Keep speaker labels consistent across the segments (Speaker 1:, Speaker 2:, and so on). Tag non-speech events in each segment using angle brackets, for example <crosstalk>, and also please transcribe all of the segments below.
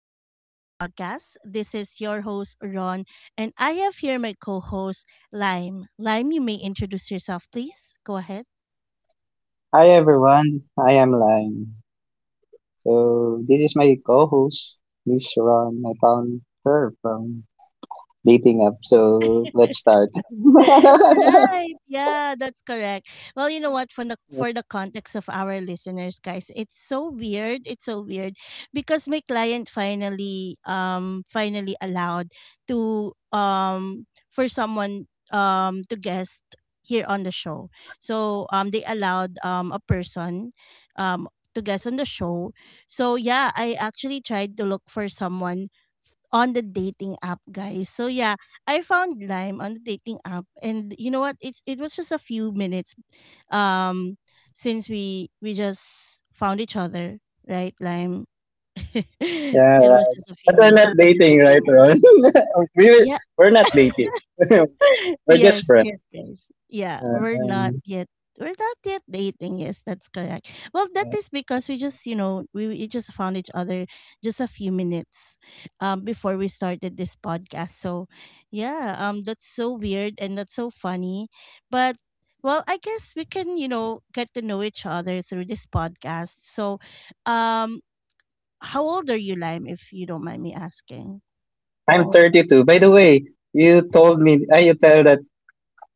Speaker 1: Unfiltered Growth Podcast. This is your host, Ron, and I have here my co host, Lime. Lime, you may introduce yourself, please. Go ahead.
Speaker 2: Hi everyone, I am Lime. So this is my co-host, Miss Ron. I found her from dating app. So let's start.
Speaker 1: <laughs>
Speaker 2: <laughs>
Speaker 1: Right. Yeah, that's correct. Well, you know what? For the context of our listeners, guys, it's so weird. It's so weird because my client finally allowed to for someone to guest here on the show. So they allowed a person um to guest on the show. So yeah, I actually tried to look for someone on the dating app, guys. So yeah, I found Lime on the dating app, and you know what? It was just a few minutes, um, since we just found each other, right, Lime? <laughs>
Speaker 2: Yeah,
Speaker 1: It was just a
Speaker 2: but
Speaker 1: few
Speaker 2: we're
Speaker 1: minutes.
Speaker 2: not dating, right, Ron? <laughs> we will-
Speaker 1: Yeah,
Speaker 2: we're not dating. <laughs>
Speaker 1: <laughs>
Speaker 2: We're just
Speaker 1: yes,
Speaker 2: friends.
Speaker 1: yes, guys. Yeah,
Speaker 2: Uh,
Speaker 1: we're not
Speaker 2: Um,
Speaker 1: yet. We're not yet dating. Yes, that's correct. Well, that
Speaker 2: yeah.
Speaker 1: is because we just, you know, we just found each other just a few minutes before we started this podcast. So, yeah, that's so weird and that's so funny. But well, I guess we can, you know, get to know each other through this podcast. So, um how old are you, Lime, if you don't mind me asking?
Speaker 2: I'm 32. By the way, you tell that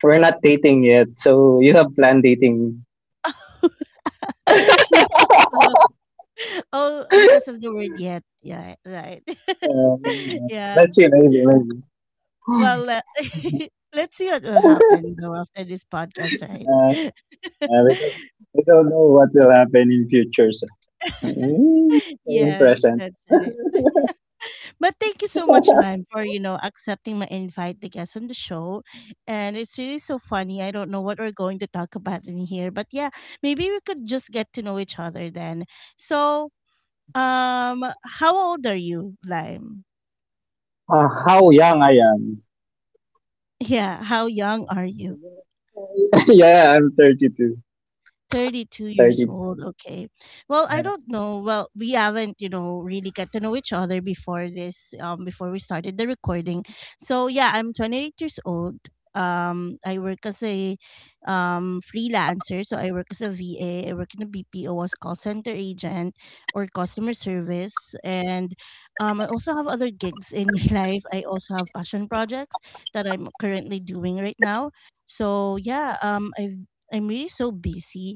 Speaker 2: we're not dating yet, so you have planned dating.
Speaker 1: <laughs> Oh, because of the word yet. Yeah, right.
Speaker 2: Um,
Speaker 1: <laughs> Yeah.
Speaker 2: let's see, maybe, maybe.
Speaker 1: Well, <laughs> let's see what will happen though after this podcast,
Speaker 2: Uh,
Speaker 1: right?
Speaker 2: Uh, we,
Speaker 1: <laughs>
Speaker 2: don't, we don't know what will happen in future. So. In
Speaker 1: Yes,
Speaker 2: present.
Speaker 1: that's right. But thank you so much, Lime, for accepting my invite to guest on the show. And it's really so funny. I don't know what we're going to talk about in here, but yeah, maybe we could just get to know each other then. So, um, how old are you, Lime? <laughs>
Speaker 2: How young I am.
Speaker 1: Yeah, how young are you?
Speaker 2: <laughs> Yeah, I'm 32.
Speaker 1: 32 years
Speaker 2: 32.
Speaker 1: old. Okay. Well, I
Speaker 2: Yeah.
Speaker 1: don't know. Well, we haven't, you know, really get to know each other before this, before we started the recording. So yeah, I'm 28 years old. I work as a freelancer. So I work as a VA. I work in a BPO as call center agent or customer service. And I also have other gigs in my <laughs> life. I also have passion projects that I'm currently doing right now. So yeah, I'm really so busy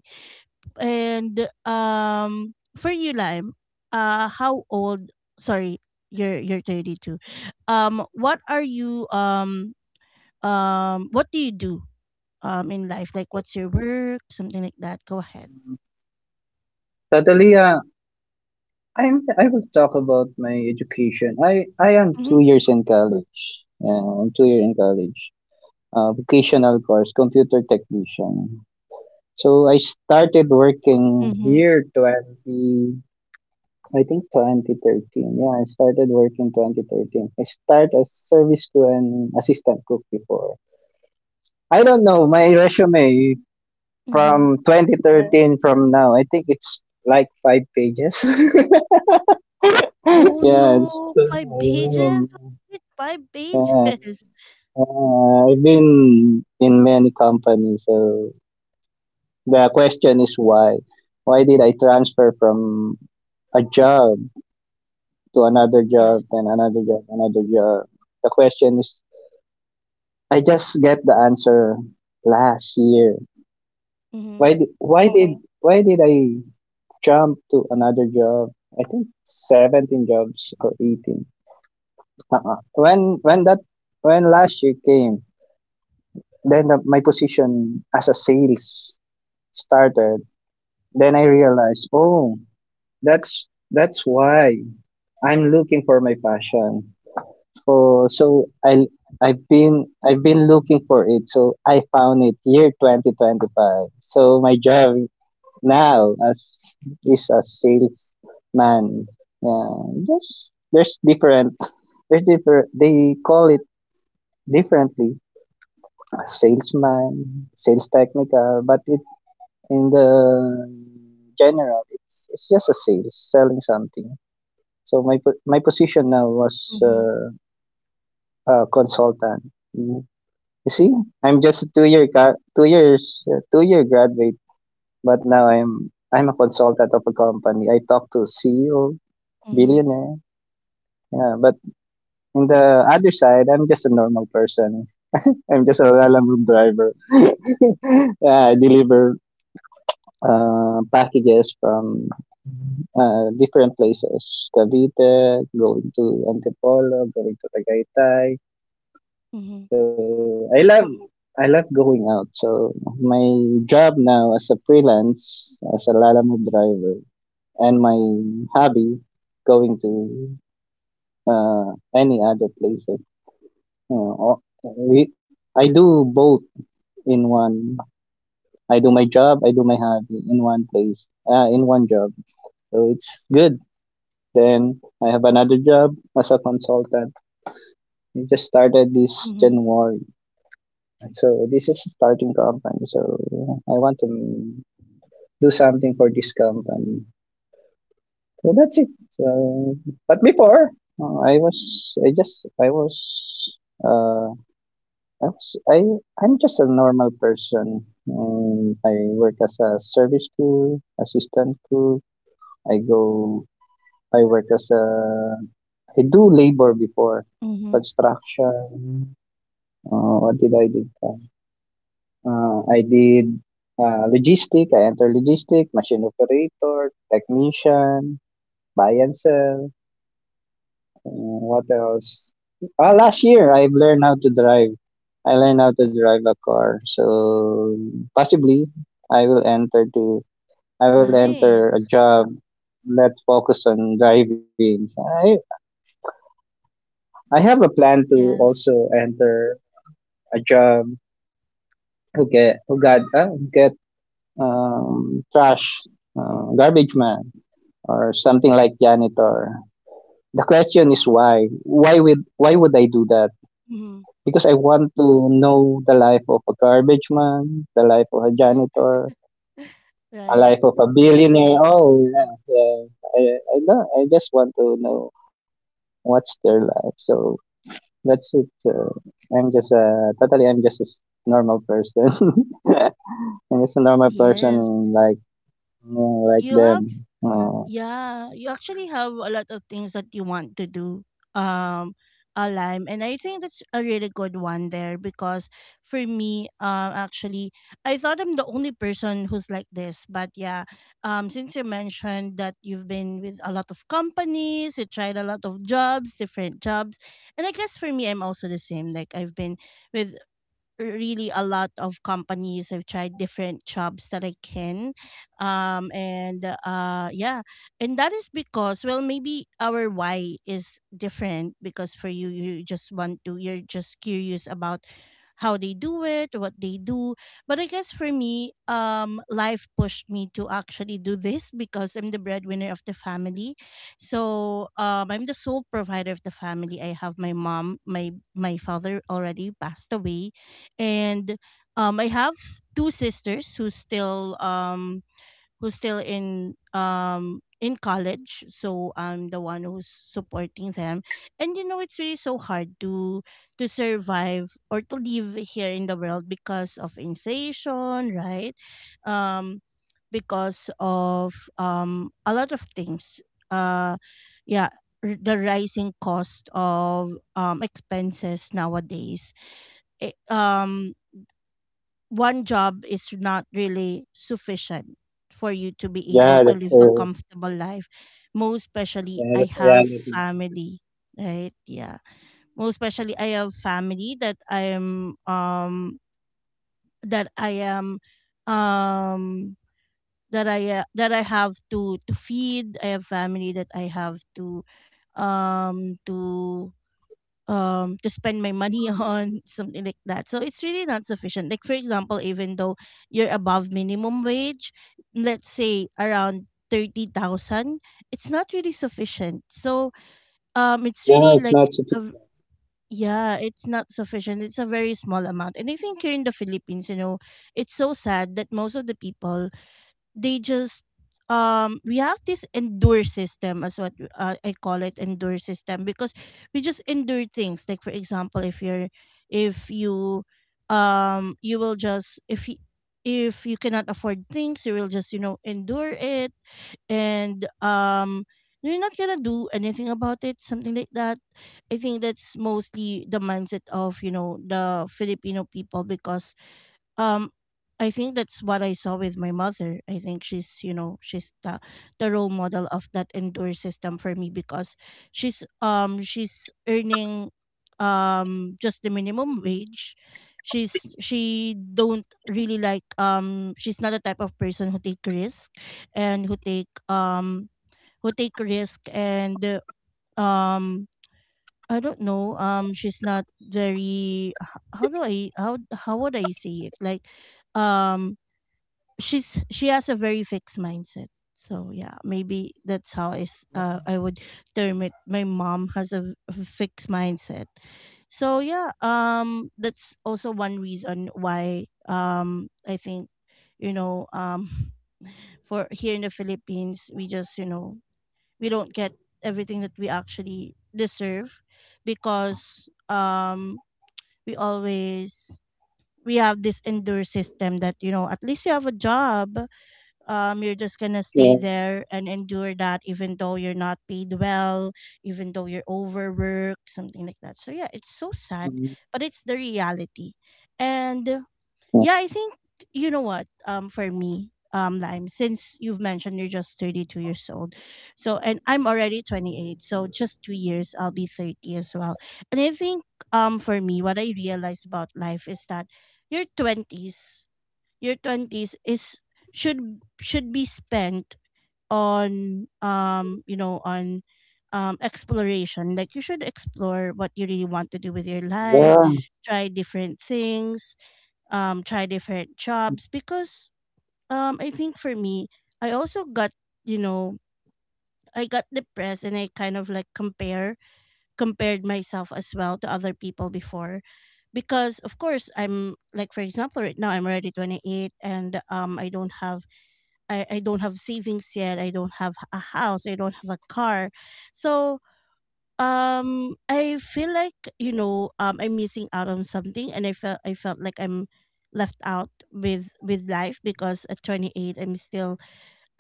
Speaker 1: and for you Lime, uh how old sorry, you're 32. Um what are you um what do you do in life? Like what's your work, something like that. Go ahead.
Speaker 2: Totally, I will talk about my education. I am
Speaker 1: Mhm.
Speaker 2: 2 years in college. Yeah, I'm 2 years in college. Vocational course, computer technician. So I started working
Speaker 1: Mhm.
Speaker 2: here 20, I think 2013. Yeah, I started working 2013. I start as service crew and assistant cook before. I don't know my resume
Speaker 1: Mhm.
Speaker 2: from, yeah, 2013 from now. I think it's like five pages. <laughs>
Speaker 1: Oh
Speaker 2: Yeah,
Speaker 1: no, five pages. What is it? Five
Speaker 2: yeah,
Speaker 1: pages. <laughs>
Speaker 2: I've been in many companies. So the question is why? Why did I transfer from a job to another
Speaker 1: Yes.
Speaker 2: job, then another job, another job? The question is I just get the answer last year.
Speaker 1: Mhm.
Speaker 2: Why did why did Oh, why did I jump to another job? I think 17 jobs or 18. Uh-uh. When last year came, then my position as a sales started. Then I realized, oh, that's why I'm looking for my passion. Oh, so I've been looking for it. So I found it year 2025. So my job now as is a salesman. Yeah, there's different there's different they call it differently. A salesman, sales technical, but it in the general it's just a sales selling something. So my position now was
Speaker 1: Mhm.
Speaker 2: a consultant. You see, I'm just a 2 years, 2-year graduate, but now I'm a consultant of a company. I talk to CEO,
Speaker 1: Mhm.
Speaker 2: billionaire. Yeah, but in the other side, I'm just a normal person. I'm just a lalamove driver. <laughs> Yeah, I deliver packages from different places. Cavite, going to Antipolo, going to Tagaytay.
Speaker 1: Mhm.
Speaker 2: So I love I love going out. So my job now as a freelance, as a Lalamove driver, and my hobby going to uh, any other places. You know, I do both in one. I do my job, I do my hobby in one place, in one job. So it's good. Then I have another job as a consultant. I just started this
Speaker 1: Mhm.
Speaker 2: January. So this is a starting company. So I want to do something for this company. So that's it. So, but before, I was, I just, uh, I was, I'm just a normal person. And I work as a service crew, assistant crew. I go, I work as a, I do labor before
Speaker 1: Mhm.
Speaker 2: construction. What did I do? Pa? I did logistic. I enter logistic, machine operator, technician, buy and sell. What else? Ah, last year I've learned how to drive. I learned how to drive a car. So possibly I will enter to I will enter a
Speaker 1: Nice.
Speaker 2: job that focus on driving. I I have a plan to
Speaker 1: Yes.
Speaker 2: also enter a job who get who got get trash, garbage man or something like janitor. The question is why? Why would I do that?
Speaker 1: Mhm.
Speaker 2: Because I want to know the life of a garbage man, the life of a janitor,
Speaker 1: <laughs>
Speaker 2: a
Speaker 1: Right.
Speaker 2: life of a
Speaker 1: Yeah.
Speaker 2: billionaire. Oh, yeah, yeah. I, I don't. I just want to know what's their life. So that's it. I'm just totally. I'm just a normal person. <laughs> I'm just a normal
Speaker 1: Yes.
Speaker 2: person like
Speaker 1: You have
Speaker 2: them.
Speaker 1: Yeah, you actually have a lot of things that you want to do. Um a and I think that's a really good one there because for me actually I thought I'm the only person who's like this, but yeah, since you mentioned that you've been with a lot of companies, you tried a lot of jobs, different jobs, and I guess for me I'm also the same. Like I've been with really a lot of companies. I've tried different jobs that I can. And yeah, and that is because, well, maybe our why is different because for you, you're just curious about how they do it, what they do. But I guess for me, life pushed me to actually do this because I'm the breadwinner of the family. So I'm the sole provider of the family. I have my mom, my father already passed away and I have two sisters who's still in college, so I'm the one who's supporting them. And you know, it's really so hard to survive or to live here in the world because of inflation, right? um because of a lot of things, uh yeah, the rising cost of expenses nowadays, it, um one job is not really sufficient for you to be able
Speaker 2: Yeah,
Speaker 1: to
Speaker 2: that's
Speaker 1: live a comfortable life. Most especially,
Speaker 2: yeah,
Speaker 1: I
Speaker 2: that's
Speaker 1: have
Speaker 2: reality.
Speaker 1: family, right? Yeah. Most especially, I have family that I am um that I have to feed. I have family that I have to um to to spend my money <laughs> on something like that. So it's really not sufficient. Like for example, even though you're above minimum wage, let's say around 30,000, it's not really sufficient. So it's
Speaker 2: Yeah,
Speaker 1: really
Speaker 2: it's
Speaker 1: like
Speaker 2: not so.
Speaker 1: a v- yeah, it's not sufficient. It's a very small amount, and I think here in the Philippines, you know, it's so sad that most of the people they just we have this endure system as what I call it endure system because we just endure things. Like for example, if you're if you you will just if you cannot afford things, you will just, you know, endure it and you're not gonna do anything about it, something like that. I think that's mostly the mindset of, you know, the Filipino people because um I think that's what I saw with my mother. I think she's you know she's the role model of that endure system for me, because she's earning just the minimum wage. She don't really like she's not the type of person who take risk and who take risk and um I don't know. She's not very. How do I how would I say it? Like, um, she's she has a very fixed mindset. So yeah, maybe that's how is I would term it. My mom has a fixed mindset. So yeah, that's also one reason why I think, you know um <laughs> for here in the Philippines, we just, you know, we don't get everything that we actually deserve because we always we have this endure system that, you know, at least you have a job, you're just gonna stay
Speaker 2: Yeah.
Speaker 1: there and endure that even though you're not paid well, even though you're overworked, something like that. So yeah, it's so sad,
Speaker 2: Mm,
Speaker 1: but it's the reality. And yeah,
Speaker 2: yeah.
Speaker 1: I think, you know what? For me, Lime, since you've mentioned you're just 32 years old, so and I'm already 28, so just 2 years I'll be 30 as well. And I think for me, what I realized about life is that your 20s, your 20s is should be spent on you know, on exploration. Like you should explore what you really want to do with your life, try different things, try different jobs because I think for me, I also got, you know, I got depressed and I kind of like compared myself as well to other people before, because of course I'm like for example right now I'm already 28 and I don't have savings yet. I don't have a house, I don't have a car. So I feel like, you know, I'm missing out on something, and I felt like I'm left out with life because at 28, I'm still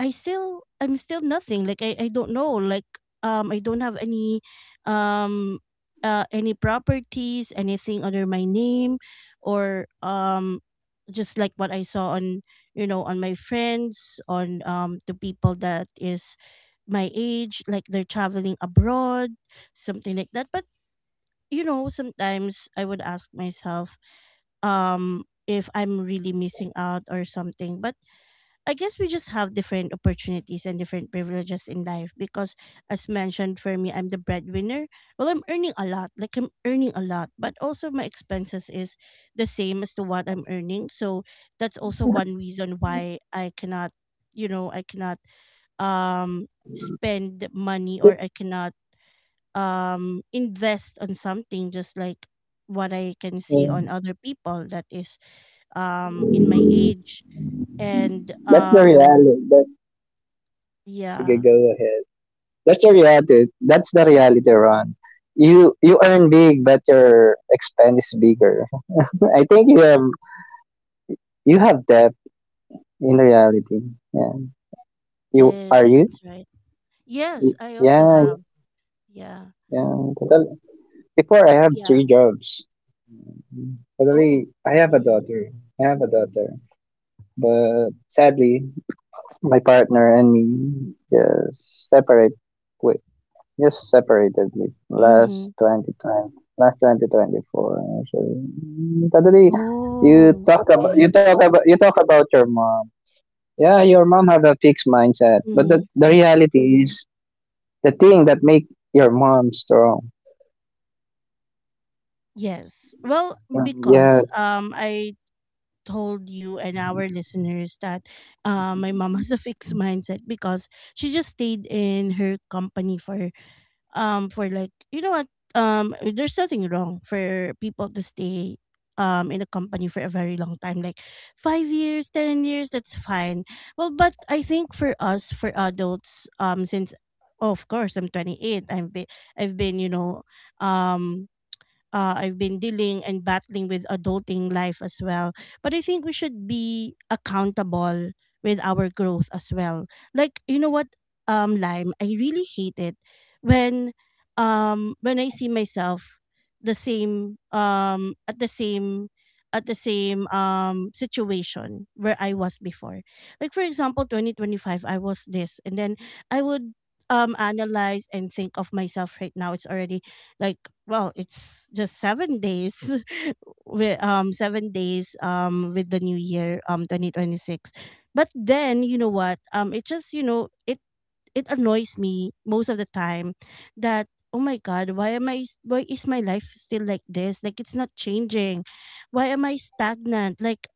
Speaker 1: I still I'm still nothing. Like I don't know. Like I don't have um any properties, anything under my name, or just like what I saw on, you know, on my friends, on the people that is my age, like they're traveling abroad, something like that. But you know, sometimes I would ask myself, if I'm really missing out or something. But I guess we just have different opportunities and different privileges in life, because as mentioned, for me, I'm the breadwinner. Well, I'm earning a lot. Like I'm earning a lot. But also my expenses is the same as to what I'm earning. So that's also one reason why I cannot, you know, I cannot um spend money, or I cannot invest on something just like what I can see
Speaker 2: Yeah.
Speaker 1: on other people that is in my age. And
Speaker 2: That's the reality. Sige,
Speaker 1: yeah.
Speaker 2: go ahead. That's the reality. That's the reality, Ron. You earn big, but your expense is bigger. <laughs> I think you have debt in reality. Yeah. You
Speaker 1: Yes,
Speaker 2: are you?
Speaker 1: that's right. Yes,
Speaker 2: Y-
Speaker 1: I also
Speaker 2: Yeah,
Speaker 1: have. Yeah.
Speaker 2: yeah. Total-. Before I have
Speaker 1: Yeah.
Speaker 2: three jobs.
Speaker 1: Oh.
Speaker 2: Totally, I have a
Speaker 1: Mm-hmm.
Speaker 2: daughter. I have a daughter, but sadly, my partner and me just separate. Just separatedly
Speaker 1: Mm-hmm.
Speaker 2: last 2020 last 2024 actually. Totally, you
Speaker 1: Oh,
Speaker 2: talk about you
Speaker 1: okay.
Speaker 2: talk about you talk about your mom. Yeah, your mom have a fixed mindset, but
Speaker 1: Mm-hmm.
Speaker 2: the reality is the thing that make your mom strong.
Speaker 1: Yes, well,
Speaker 2: Yeah.
Speaker 1: because I told you and our listeners that my mom has a fixed mindset because she just stayed in her company for like, you know what, there's nothing wrong for people to stay in a company for a very long time, like 5 years, 10 years, that's fine. Well, but I think for us, for adults, since of course I'm 28, I've been you know, um I've been dealing and battling with adulting life as well. But I think we should be accountable with our growth as well. Like, you know what, Lime, I really hate it when when I see myself the same at the same situation where I was before. Like for example, 2025 I was this, and then I would analyze and think of myself right now. It's already like, well, it's just 7 days <laughs> with 7 days with the new year 2026. But then, you know what, it just you know it annoys me most of the time that, oh my god, why am I s- why is my life still like this? Like, it's not changing. Why am I stagnant? Like,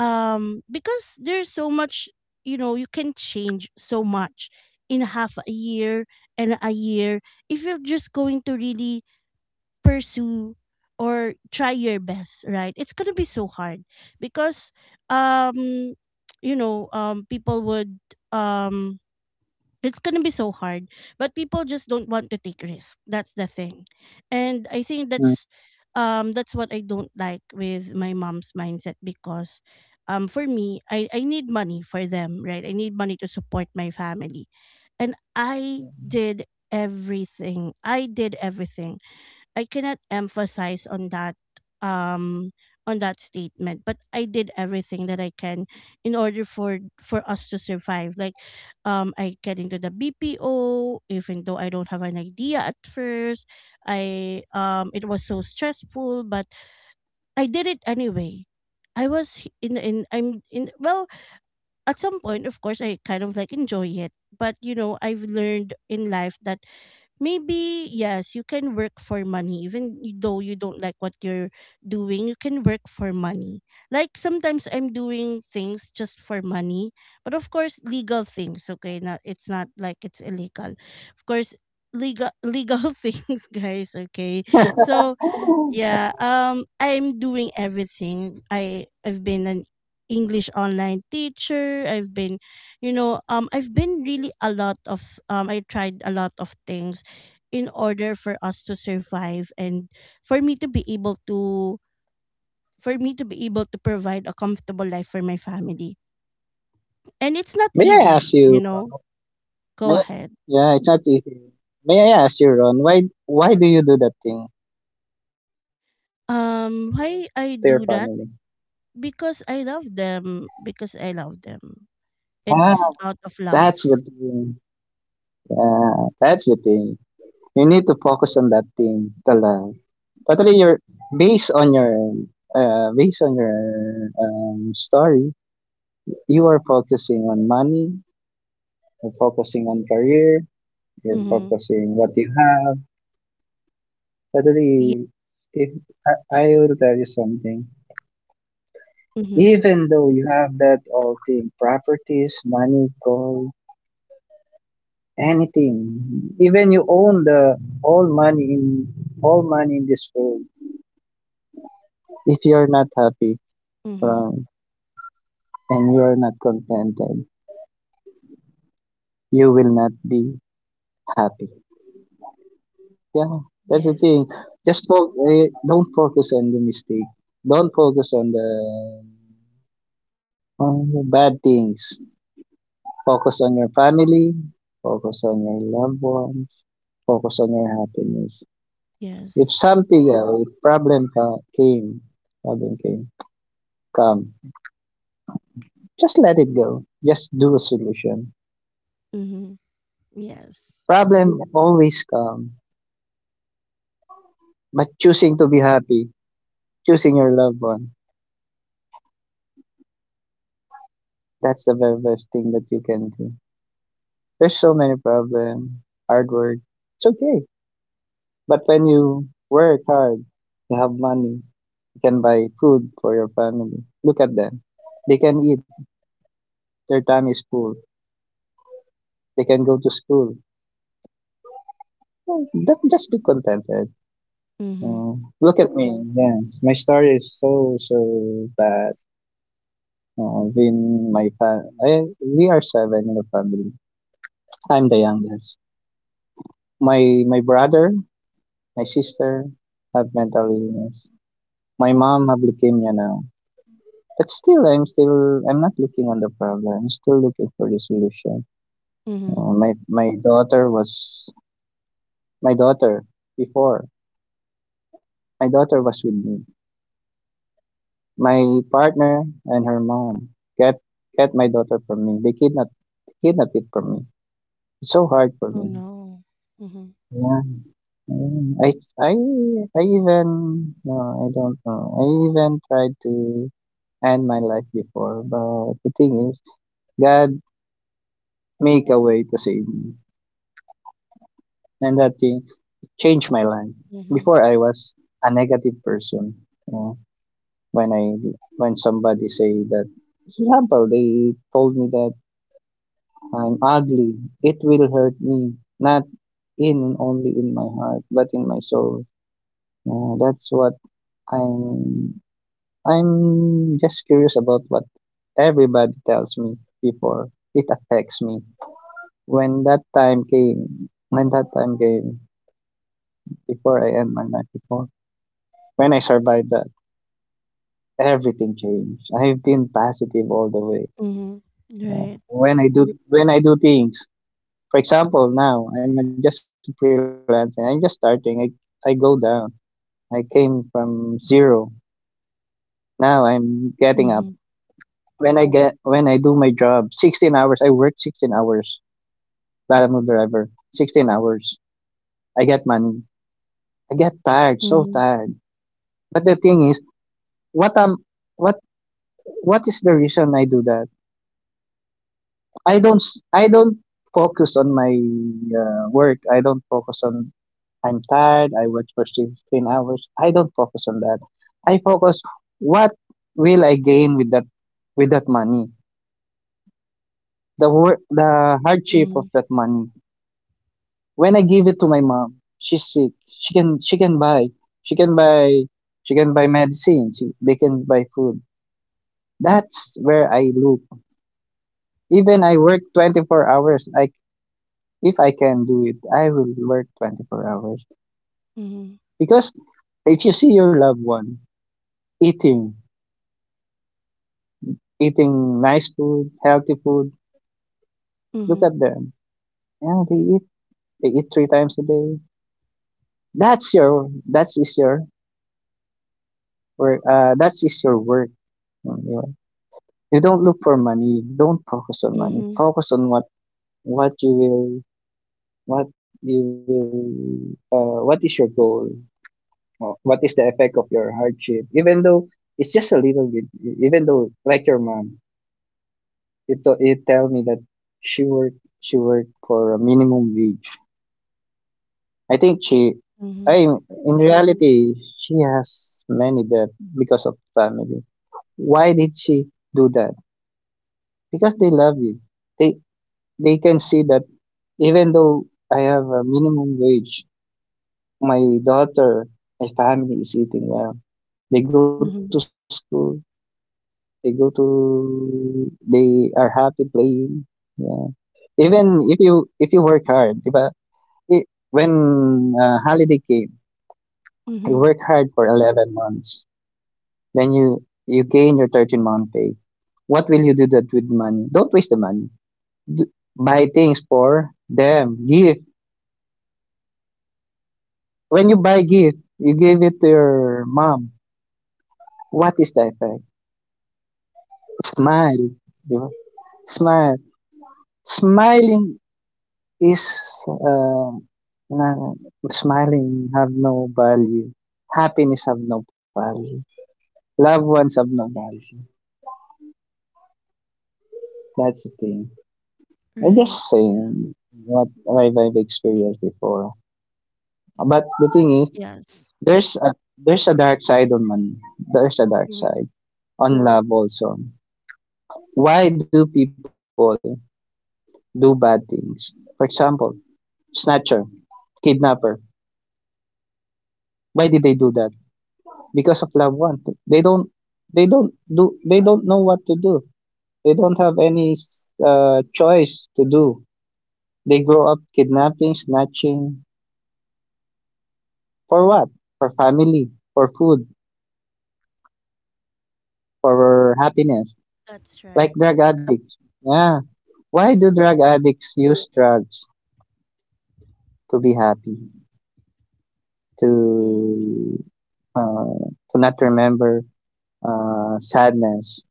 Speaker 1: because there's so much, you can change so much in half a year and a year if you're just going to really pursue or try your best, right? It's gonna be so hard because um people would um it's gonna be so hard. But people just don't want to take risk. That's the thing. And I think
Speaker 2: Mm.
Speaker 1: that's what I don't like with my mom's mindset, because for me, I need money for them, right? I need money to support my family. And I did everything. I did everything. I cannot emphasize on that, um on that statement, but I did everything that I can in order for us to survive. Like, I get into the BPO even though I don't have an idea at first. I It was so stressful, but I did it anyway. I was h- in I'm in Well, at some point, of course, I kind of like enjoy it. But you know, I've learned in life that maybe, yes, you can work for money, even though you don't like what you're doing. You can work for money. Like, sometimes I'm doing things just for money. But of course, legal things, okay? Not, it's not like it's illegal. Of course, legal, legal <laughs> things, guys, okay? So
Speaker 2: <laughs>
Speaker 1: yeah, I'm doing everything. I've been an English online teacher. I tried a lot of things in order for us to survive, and for me to be able to for me to be able to provide a comfortable life for my family. And it's not
Speaker 2: May I
Speaker 1: easy,
Speaker 2: ask
Speaker 1: you
Speaker 2: you?
Speaker 1: know. Go
Speaker 2: May,
Speaker 1: ahead.
Speaker 2: yeah, it's not easy. May I ask you, Ron? Why do you do that thing to
Speaker 1: Um
Speaker 2: your
Speaker 1: why I
Speaker 2: family?
Speaker 1: do that? Because I love them, because I love them.
Speaker 2: Ah,
Speaker 1: It's out of
Speaker 2: that's the
Speaker 1: love.
Speaker 2: thing. Yeah, that's the thing. You need to focus on that thing tala, totally you're based on your, based on your story, you are focusing on money, you're focusing on career, you're
Speaker 1: Mhm.
Speaker 2: focusing what you have.
Speaker 1: Yeah.
Speaker 2: Totally, if I, I will tell you something,
Speaker 1: Mhm.
Speaker 2: even though you have that all thing, properties, money, gold, anything, even you own the all money in all money in this world, if you're not happy,
Speaker 1: Mhm.
Speaker 2: and you are not contented, you will not be happy. Yeah, that's the
Speaker 1: Yes.
Speaker 2: thing. Just don't focus on the mistake. Don't focus on the bad things. Focus on your family. Focus on your loved ones. Focus on your happiness.
Speaker 1: Yes.
Speaker 2: If problem came, problem came, come. Just let it go. Just do a solution.
Speaker 1: Mhm. Yes.
Speaker 2: Problem always come, but choosing to be happy, choosing your loved one. That's the very best thing that you can do. There's so many problems, hard work. It's okay. But when you work hard, you have money, you can buy food for your family. Look at them. They can eat. Their time is full. They can go to school. So just be contented.
Speaker 1: Mhm.
Speaker 2: Uh, Look at me. Yeah, my story is so so bad. In my fa- I, We are seven in the family. I'm the youngest. My brother, my sister have mental illness. My mom have leukemia now. But still, I'm not looking on the problem. I'm still looking for the solution.
Speaker 1: Mhm.
Speaker 2: My daughter was my daughter before. My daughter was with me. My partner and her mom get get my daughter from me. They kidnap it from me. It's so hard for
Speaker 1: Oh
Speaker 2: me.
Speaker 1: no. Mhm.
Speaker 2: Yeah, yeah. I I even no, I don't know. I even tried to and my life before. But the thing is, God make a way to save me, and that thing changed my life.
Speaker 1: Mhm.
Speaker 2: Before I was a negative person. You know, when I when somebody say that, for example, they told me that I'm ugly, it will hurt me not in only in my heart but in my soul. Yeah, that's what I'm. I'm just curious about what everybody tells me before it affects me. When that time came, before I end my life before when I survived that, everything changed. I've been positive all the way.
Speaker 1: Mhm.
Speaker 2: Uh,
Speaker 1: Right.
Speaker 2: when I do when I do things, for example, now I'm just freelancing. I'm just starting. I go down. I came from zero. Now I'm getting up.
Speaker 1: Mhm.
Speaker 2: When I do my job, 16 hours. I work 16 hours. But driver. 16 hours. I get money. I get tired, so
Speaker 1: Mhm.
Speaker 2: tired. But the thing is, what am, what what is the reason I do that? I don't focus on my work. I don't focus on I'm tired. I work for 16 hours. I don't focus on that. I focus what will I gain with that money? The work, the hardship of
Speaker 1: Mhm.
Speaker 2: that money. When I give it to my mom, she's sick. She can buy she can buy she can buy medicine. They can buy food. That's where I look. Even I work 24 hours. Like if I can do it, I will work 24 hours.
Speaker 1: Mhm.
Speaker 2: Because if you see your loved one eating, nice food, healthy food, look
Speaker 1: Mhm.
Speaker 2: at them. Yeah, they eat. They eat three times a day. That's your. That is your work. That is your work. Yeah, you know. You don't look for money. Don't focus on money.
Speaker 1: Mhm.
Speaker 2: Focus on what you will what you what is your goal. Well, what is the effect of your hardship? Even though it's just a little bit, even though like your mom, you tell me that she worked for a minimum wage. I think she,
Speaker 1: Mhm.
Speaker 2: I in reality, she has many debt because of family. Why did she do that? Because they love you. They they can see that even though I have a minimum wage, my daughter, my family is eating well. They go to school.
Speaker 1: Mhm.
Speaker 2: They go to They are happy playing. Yeah. Even if you work hard, di ba? I when holiday came, you
Speaker 1: Mhm.
Speaker 2: work hard for 11 months. Then you gain your 13 month pay. What will you do that with money? Don't waste the money. Buy things for them. Give. When you buy gift, you give it to your mom. What is the effect? Smile. Di ba? Smile. Smiling Is uh, na Smiling have no value. Happiness have no value. Loved ones have no value. That's the thing. I
Speaker 1: Right.
Speaker 2: just
Speaker 1: Yeah.
Speaker 2: saying what I've experienced before. But the thing is,
Speaker 1: Yes.
Speaker 2: there's a dark side on money. There's a dark
Speaker 1: Mhm.
Speaker 2: side on love also. Why do people do bad things? For example, snatcher, kidnapper. Why did they do that? Because of loved one. They don't they don't know what to do. They don't have any choice to do. They grow up kidnapping, snatching for what? For family, for food, for happiness.
Speaker 1: That's
Speaker 2: Like
Speaker 1: right.
Speaker 2: drug addicts. Yeah. Why do
Speaker 1: Mhm.
Speaker 2: drug addicts use drugs to be happy? To
Speaker 1: Mhm.
Speaker 2: uh, to not remember sadness,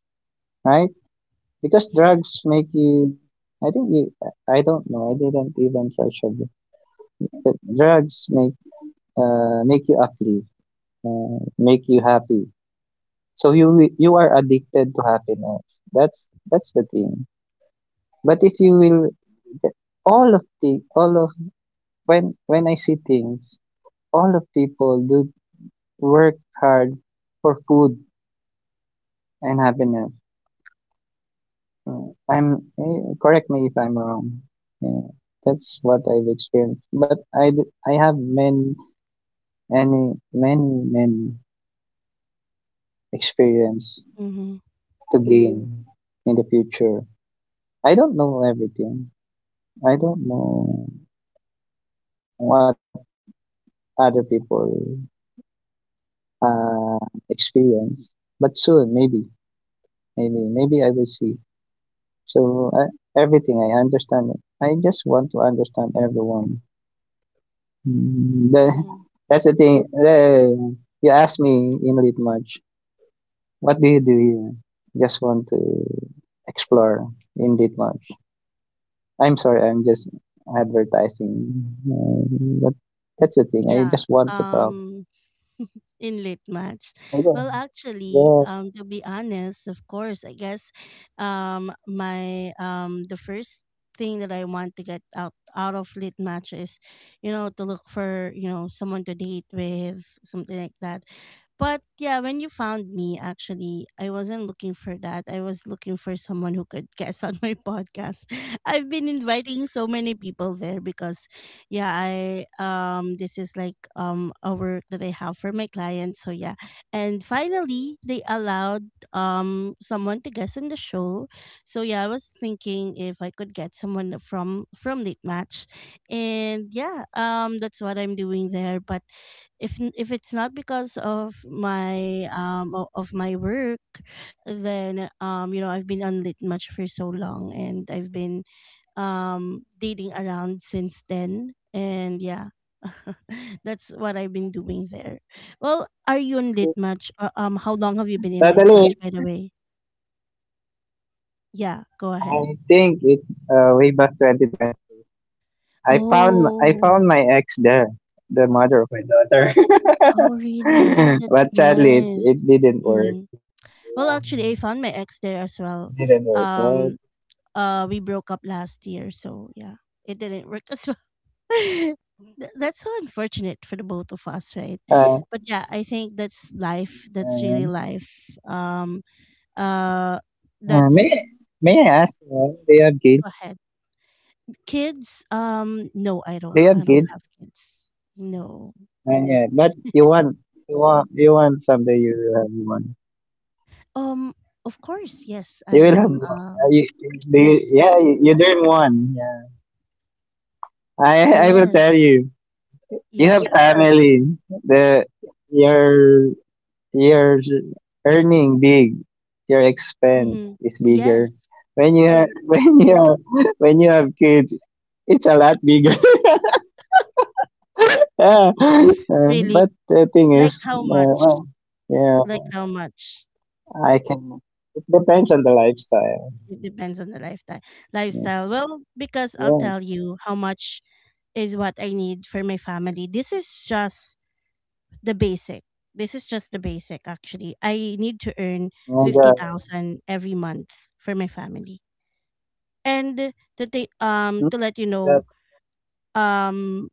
Speaker 2: right? Because drugs
Speaker 1: Yes.
Speaker 2: make you I think you I don't know, I didn't even try sugar. But drugs make you uplift, make you happy. So you are addicted to happiness. That's that's the thing. But if you will the- the all of when I see things, all of people do work hard for food and happiness. Mm, I'm Correct me if I'm wrong. Yeah, that's what I've experienced. But I have many any many many experience
Speaker 1: Mhm.
Speaker 2: to gain in the future. I don't know everything. I don't know what other people uh experience. But soon maybe I will see. So I, Everything I understand. I just want to understand everyone. Mm, The
Speaker 1: Mhm.
Speaker 2: That's the thing. You asked me in late March, what do you do here? Just want to explore in late March. I'm sorry, I'm just advertising. Uh, but that's the thing. I
Speaker 1: Yeah.
Speaker 2: just want to talk.
Speaker 1: Um <laughs> in late match,
Speaker 2: I
Speaker 1: well,
Speaker 2: don't-
Speaker 1: actually,
Speaker 2: Yeah,
Speaker 1: to be honest, of course, I guess, my the first thing that I want to get out of late match is, to look for, someone to date with, something like that. But yeah, when you found me, actually, I wasn't looking for that. I was looking for someone who could guest on my <laughs> podcast. I've been inviting so many people there because, yeah, I this is like, a work that I have for my client, so yeah. And finally they allowed someone to guest in the show. So yeah, I was thinking if I could get someone from late match. And yeah, that's what I'm doing there. But if it's not because of of my work, then I've been on late match for so long, and I've been dating around since then, and yeah, <laughs> that's what I've been doing there. Well, are you in Lit Match? How long have you been in Lit
Speaker 2: totally.
Speaker 1: Match, by the way? Yeah, go ahead.
Speaker 2: I think it way back 2020. I found I
Speaker 1: Oh.
Speaker 2: found my ex there, the mother of my daughter.
Speaker 1: Oh, really,
Speaker 2: <laughs>
Speaker 1: that's
Speaker 2: But sadly, it,
Speaker 1: nice.
Speaker 2: it didn't work.
Speaker 1: Hmm. Well,
Speaker 2: Um,
Speaker 1: actually, I found my ex there as well.
Speaker 2: Didn't work.
Speaker 1: um we broke up last year, so yeah, it didn't work <laughs> as well. <laughs> That's so unfortunate for the both of us, right?
Speaker 2: Uh,
Speaker 1: But yeah, I think that's life. That's really
Speaker 2: uh,
Speaker 1: life. Uh,
Speaker 2: uh, may
Speaker 1: that's.
Speaker 2: may I ask? Do have kids?
Speaker 1: Go ahead. Kids? No, i
Speaker 2: They
Speaker 1: don't
Speaker 2: have
Speaker 1: i don't
Speaker 2: kids?
Speaker 1: have kids. No.
Speaker 2: Yeah, but you want someday you will have one.
Speaker 1: um of course, yes,
Speaker 2: You will have
Speaker 1: I'm
Speaker 2: one. Yeah, you dream one. Yeah, I will
Speaker 1: Yes.
Speaker 2: tell you. You
Speaker 1: Yeah.
Speaker 2: have family. The your your earning big. Your expense
Speaker 1: Mm-hmm.
Speaker 2: is
Speaker 1: Yes.
Speaker 2: bigger. When you have <laughs> when you have kids, it's a lot bigger. Yeah, <laughs>
Speaker 1: Really?
Speaker 2: but the thing
Speaker 1: like
Speaker 2: is,
Speaker 1: how much
Speaker 2: well, yeah,
Speaker 1: like how much
Speaker 2: I can. It depends on the lifestyle.
Speaker 1: It depends on the lifestyle.
Speaker 2: Yeah,
Speaker 1: Lifestyle. Well, because I'll
Speaker 2: yeah.
Speaker 1: tell you how much is what I need for my family. This is just the basic. This is just the basic, actually. I need to earn
Speaker 2: Oh,
Speaker 1: 50,000 every month for my family. And to
Speaker 2: mm,
Speaker 1: to let you know,
Speaker 2: the,
Speaker 1: um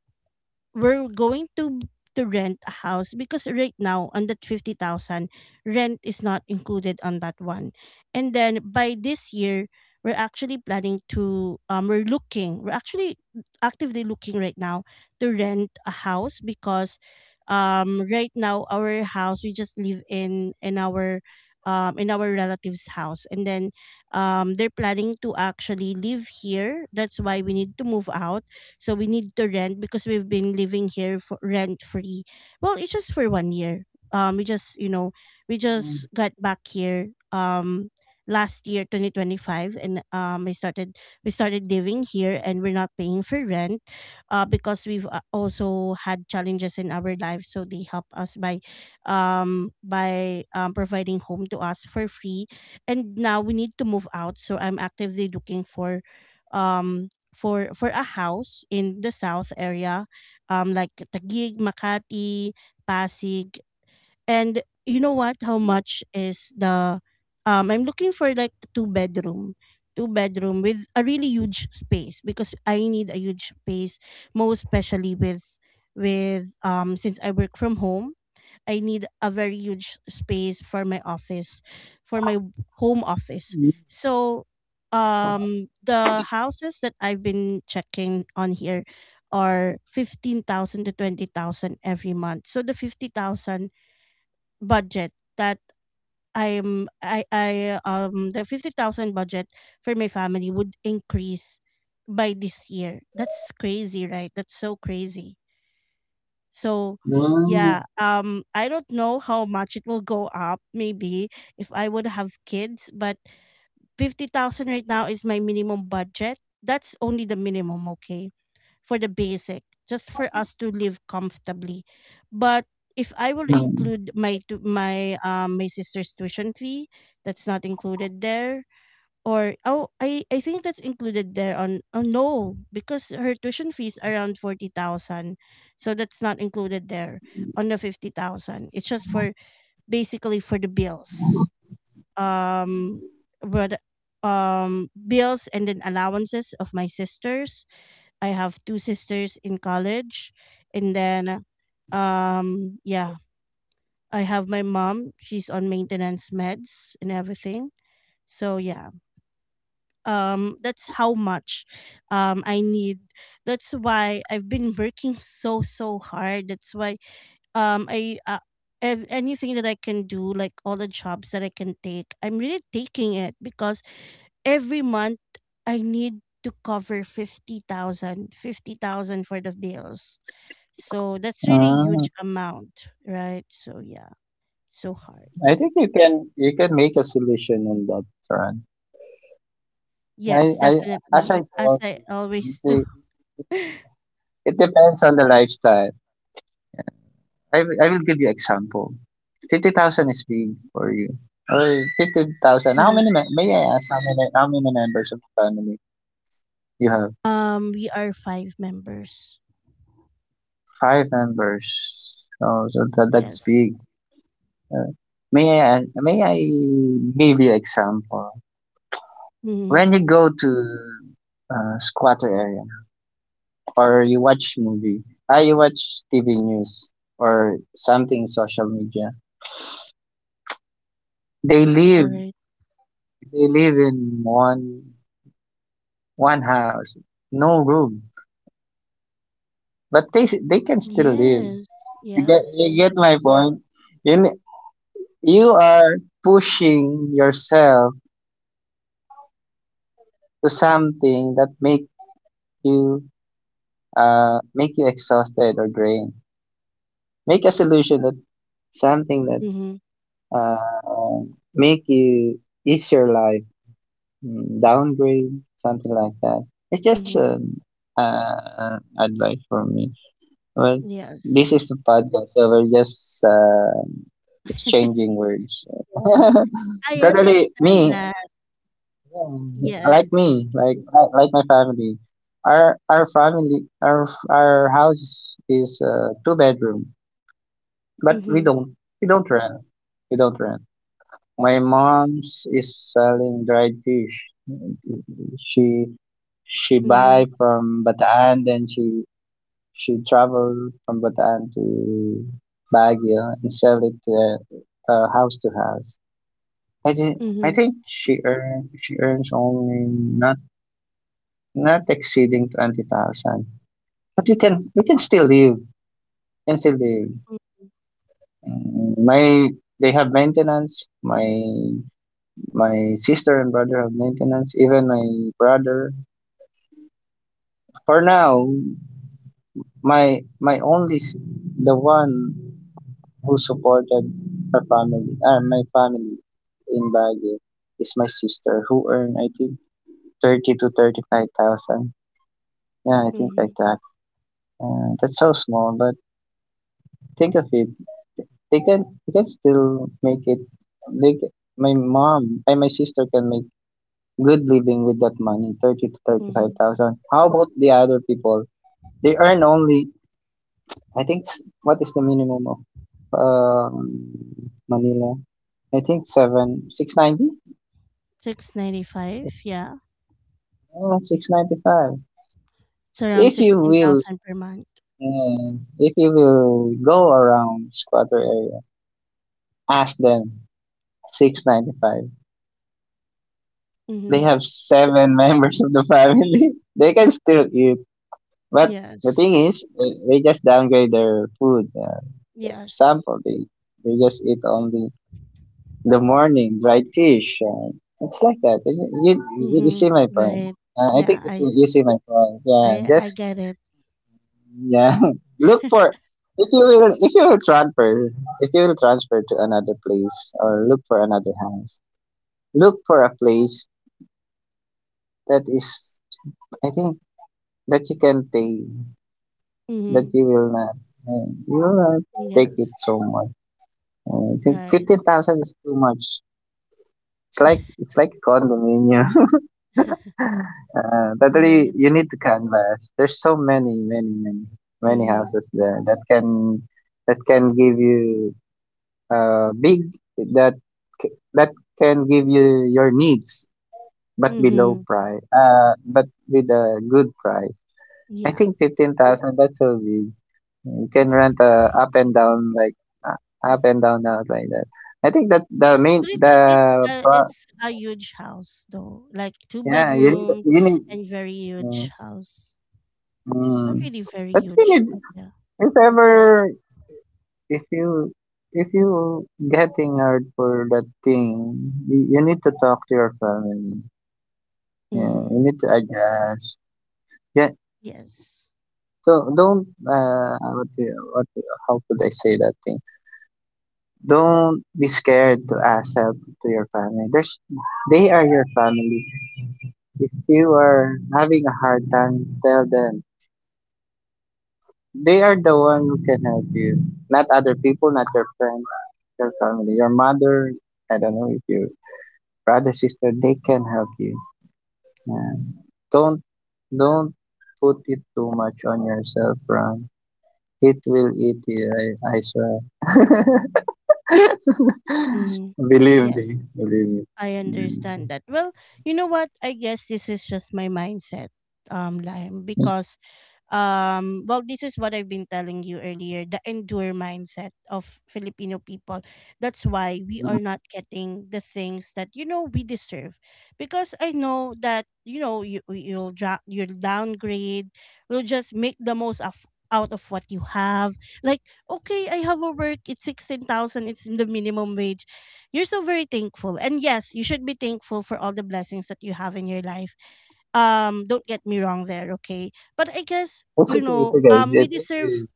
Speaker 1: we're going to rent a house, because right now, on that 50,000, rent is not included on that one. And then by this year, we're actually planning to we're actually actively looking right now to rent a house, because right now, our house, we just live in our in our relatives house. And then they're planning to actually live here, that's why we need to move out. So we need to rent, because we've been living here for rent free. Well, it's just for one year. Um, we just you know we just got
Speaker 2: mm,
Speaker 1: back here last year 2025, and I started we started living here, and we're not paying for rent, because we've also had challenges in our life, so they help us by providing home to us for free. And now we need to move out, so I'm actively looking um for a house in the south area, like Taguig, Makati, Pasig. And you know what? How much is the? I'm looking for like two bedroom, with a really huge space, because I need a huge space, most especially with since I work from home. I need a very huge space for my office, for my home office.
Speaker 2: mm,
Speaker 1: So, the houses that I've been checking on here are 15,000 to 20,000 every month. So the 50,000 budget that I'm I the 50,000 budget for my family would increase by this year. That's crazy, right? That's so crazy. So yeah,
Speaker 2: mm,
Speaker 1: I don't know how much it will go up, maybe if I would have kids, but 50,000 right now is my minimum budget. That's only the minimum, okay? For the basic, just for us to live comfortably. But if I will
Speaker 2: mm,
Speaker 1: include my my sister's tuition fee, that's not included there. Or, oh, I think that's included there on, oh no, because her tuition fees around 40,000, so that's not included there on the 50,000. It's just for, basically, for the bills, um, but bills and then allowances of my sisters. I have two sisters in college, and then yeah, I have my mom. She's on maintenance meds and everything. So yeah, that's how much I need. That's why I've been working so so hard. That's why um i uh, anything that I can do, like all the jobs that I can take, I'm really taking it, because every month I need to cover 50,000, 50,000 for the bills. So that's really
Speaker 2: mm
Speaker 1: huge amount, right? So yeah. So hard.
Speaker 2: I think you can make a solution on that front.
Speaker 1: Yes,
Speaker 2: I As
Speaker 1: definitely,
Speaker 2: I
Speaker 1: as
Speaker 2: told
Speaker 1: I
Speaker 2: you, you
Speaker 1: always do.
Speaker 2: see, it depends on the lifestyle. I will give you example. 50,000 is big for you. Or 50,000. How many?
Speaker 1: <laughs>
Speaker 2: May I ask how many? How many members of the family you have?
Speaker 1: We are 5 members.
Speaker 2: Five members. Oh, so that's
Speaker 1: Yes.
Speaker 2: big. Uh, may I give you example?
Speaker 1: Mhm.
Speaker 2: When you go to squatter area or you watch movie, I you watch TV news or something social media. They live
Speaker 1: Alright.
Speaker 2: they live in one house, no room, but they can still live.
Speaker 1: Yes,
Speaker 2: You get
Speaker 1: yes.
Speaker 2: you get my point. You, n- you are pushing yourself to something that you make you exhausted or drained. Make a solution that something that
Speaker 1: Mhm,
Speaker 2: uh make you ease your life, downgrade something like that. It's just
Speaker 1: mhm.
Speaker 2: an advice for me. Well,
Speaker 1: Yes.
Speaker 2: this is a podcast, so we're just exchanging
Speaker 1: <laughs>
Speaker 2: words.
Speaker 1: Yes. I
Speaker 2: <laughs> Totally,
Speaker 1: understand
Speaker 2: me
Speaker 1: that.
Speaker 2: yeah,
Speaker 1: Yes.
Speaker 2: like me, like my family. Our family our house is, two bedroom, but we
Speaker 1: Mhm,
Speaker 2: don't we don't rent. We don't rent. My mom's is selling dried fish. She she buy
Speaker 1: mhm,
Speaker 2: from Bataan, then she travel from Bataan to Baguio and sell it house to house. I think I
Speaker 1: mhm,
Speaker 2: think she earns only not exceeding 20,000, but we can still live, can still live.
Speaker 1: mm,
Speaker 2: Mm, My They have maintenance. My sister and brother have maintenance. Even my brother. For now, my my only s- the one who supported my family in Baguio is my sister who earned I think thirty to thirty five thousand. Yeah, I think like
Speaker 1: mhm,
Speaker 2: that. That's so small, but think of it, they can still make it. They My mom and my sister can make good living with that money, thirty to thirty five
Speaker 1: mhm.
Speaker 2: thousand. How about the other people? They earn only I think what is the minimum of um, Manila? I think seven six ninety.
Speaker 1: 695, yeah.
Speaker 2: 695.
Speaker 1: It's around
Speaker 2: If you will,
Speaker 1: 16,000 per month.
Speaker 2: uh, if you will go around squatter area, ask them 695. They
Speaker 1: Mhm.
Speaker 2: have seven <laughs> members of the family. <laughs> They can still eat, but the thing
Speaker 1: Yes.
Speaker 2: is, they just downgrade their food.
Speaker 1: Yes.
Speaker 2: Sample they just eat only in the morning dried fish. It's like that. You
Speaker 1: Mhm.
Speaker 2: see my point.
Speaker 1: Right.
Speaker 2: I think
Speaker 1: Yeah,
Speaker 2: you
Speaker 1: I
Speaker 2: see,
Speaker 1: s
Speaker 2: you see my point. Yeah,
Speaker 1: I
Speaker 2: just
Speaker 1: get it.
Speaker 2: yeah. <laughs> Look for
Speaker 1: <laughs>
Speaker 2: if you will If you will transfer to another place or look for another house. Look for a place that is, I think, that you can pay. But
Speaker 1: Mhm.
Speaker 2: you will not take it
Speaker 1: Yes.
Speaker 2: so much. I think
Speaker 1: Right.
Speaker 2: 15,000 is too much. It's like a condominium.
Speaker 1: <laughs>
Speaker 2: <laughs> Totally,
Speaker 1: Right.
Speaker 2: you need to canvas. There's so many, many, many, many
Speaker 1: Mhm.
Speaker 2: houses there that can give you, big, that, that can give you your needs, but below
Speaker 1: Mhm.
Speaker 2: price, but with a good price. I
Speaker 1: Yeah.
Speaker 2: think 15,000, that's so big. You can rent up and down like uh, up and down out like that. I think that the main
Speaker 1: But it's a, it's
Speaker 2: the
Speaker 1: a,
Speaker 2: pro-
Speaker 1: it's a huge house though, like two
Speaker 2: yeah, you need
Speaker 1: bedrooms
Speaker 2: you need
Speaker 1: and very
Speaker 2: Mm,
Speaker 1: huge house. Not
Speaker 2: mm.
Speaker 1: really very
Speaker 2: But you
Speaker 1: huge,
Speaker 2: need,
Speaker 1: but yeah.
Speaker 2: if ever, if you if you getting hurt for that thing, you need to talk to your family. Yeah,
Speaker 1: Mhm.
Speaker 2: you need to adjust. Yeah,
Speaker 1: Yes.
Speaker 2: so don't how could I say that thing? Don't be scared to ask help to your family. They are your family. If you are having a hard time, tell them. They are the one who can help you, not other people, not your friends, your family, your mother. I don't know if your brother, sister, they can help you. Yeah. Don't don't put it too much on yourself, Ron. It will eat you. I swear.
Speaker 1: Mhm.
Speaker 2: <laughs> Believe
Speaker 1: Yes,
Speaker 2: me, believe me.
Speaker 1: I understand that. Well, you know what? I guess this is just my mindset, Lime, because well, this is what I've been telling you earlier, the endure mindset of Filipino people. That's why we
Speaker 2: Mm-hmm.
Speaker 1: are not getting the things that we deserve, because I know that you'll downgrade. You'll just make the most of out of what you have. Like, okay, I have a work, it's 16,000, it's the minimum wage. You're so very thankful, and yes, you should be thankful for all the blessings that you have in your life. Don't get me wrong there, okay? But I guess,
Speaker 2: It's okay, it's okay.
Speaker 1: we deserve,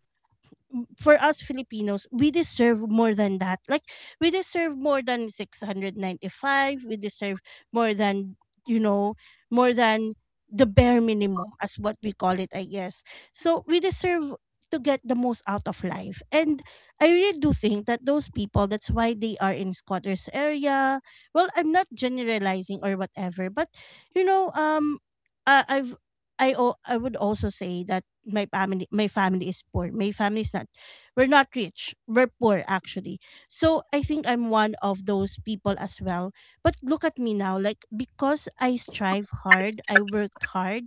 Speaker 1: for us Filipinos, we deserve more than that. Like, we deserve more than 695, we deserve more than you know, more than the bare minimum, as what we call it, I guess. So we deserve to get the most out of life. And I really do think that those people, that's why they are in squatters area. Well, I'm not generalizing or whatever, but you know, um I, I've I o- I would also say that my family is poor. My family is not rich. We're poor, actually. So I think I'm one of those people as well. But look at me now. Like, because I strive hard, I worked hard,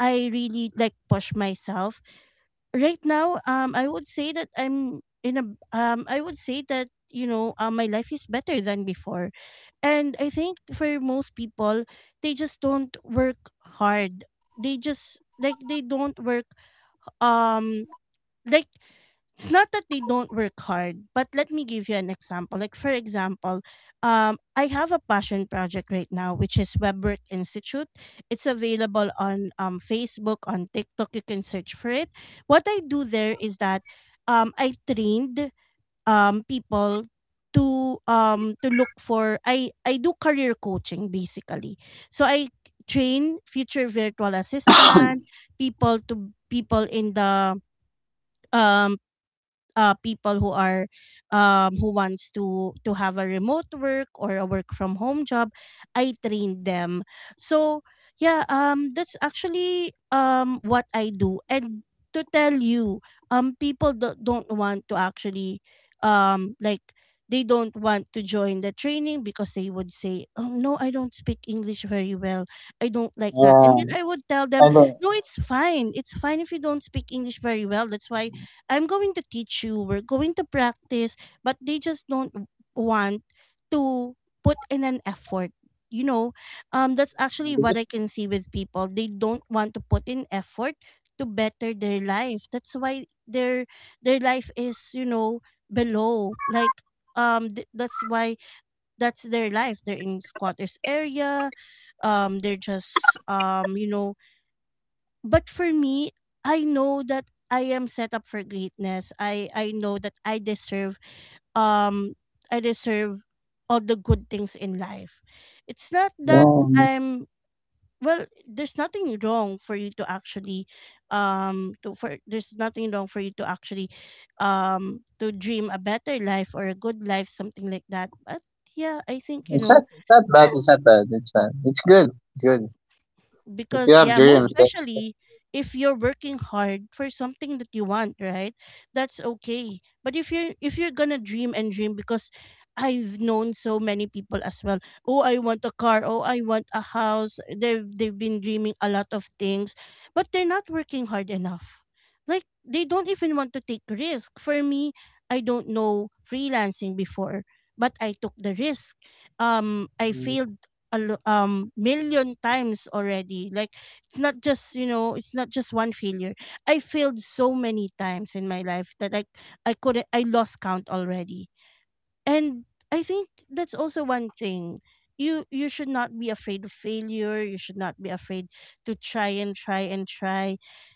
Speaker 1: I really like push myself. Right now, I would say that, my life is better than before. And I think for most people, they just don't work hard. They just like they don't work um like It's not that they don't work hard, but let me give you an example. Like for example, I have a passion project right now, which is WebWork Institute. It's available on Facebook, on TikTok. You can search for it. What I do there is that I trained people to look for I do career coaching basically. So I train future virtual assistant
Speaker 2: <coughs>
Speaker 1: people in the um people who are who wants to have a remote work or a work from home job. I trained them. So yeah, that's actually what I do. And to tell you, people don't want to actually um like they don't want to join the training because they would say, "Oh, no, I don't speak English very well. I don't like that." And
Speaker 2: yeah,
Speaker 1: then I would tell them,
Speaker 2: I don't.
Speaker 1: "No, it's fine. It's fine if you don't speak English very well. That's why I'm going to teach you. We're going to practice." But they just don't w- want to put in an effort. You know, that's actually what
Speaker 2: Because,
Speaker 1: I can see with people. They don't want to put in effort to better their life. That's why their life is, you know, below. Like, that's why that's their life. They're in squatters area. They're just, but for me, I know that I am set up for greatness. I know that um I deserve all the good things in life. It's not that
Speaker 2: yeah,
Speaker 1: I'm well, there's nothing wrong for you to actually to for there's nothing wrong for you to actually to dream a better life or a good life, something like that. But yeah, I think you
Speaker 2: it's
Speaker 1: know,
Speaker 2: not, it's not bad. It's not bad. It's bad. It's good. It's good. If you
Speaker 1: because
Speaker 2: have
Speaker 1: yeah, most
Speaker 2: dreams, that.
Speaker 1: especially if you're working hard for something that you want, right? That's okay. But if you're gonna dream and dream, because I've known so many people as well, "Oh, I want a car. Oh, I want a house." They've been dreaming a lot of things, but they're not working hard enough. Like, they don't even want to take risk. For me, I don't know freelancing before, but I took the risk. I failed million times already. Like, it's not just, you know, it's not just one failure. I failed so many times in my life that I couldn't, I lost count already. And I think that's also one thing. You should not be afraid of failure. You should not be afraid to try and try and try.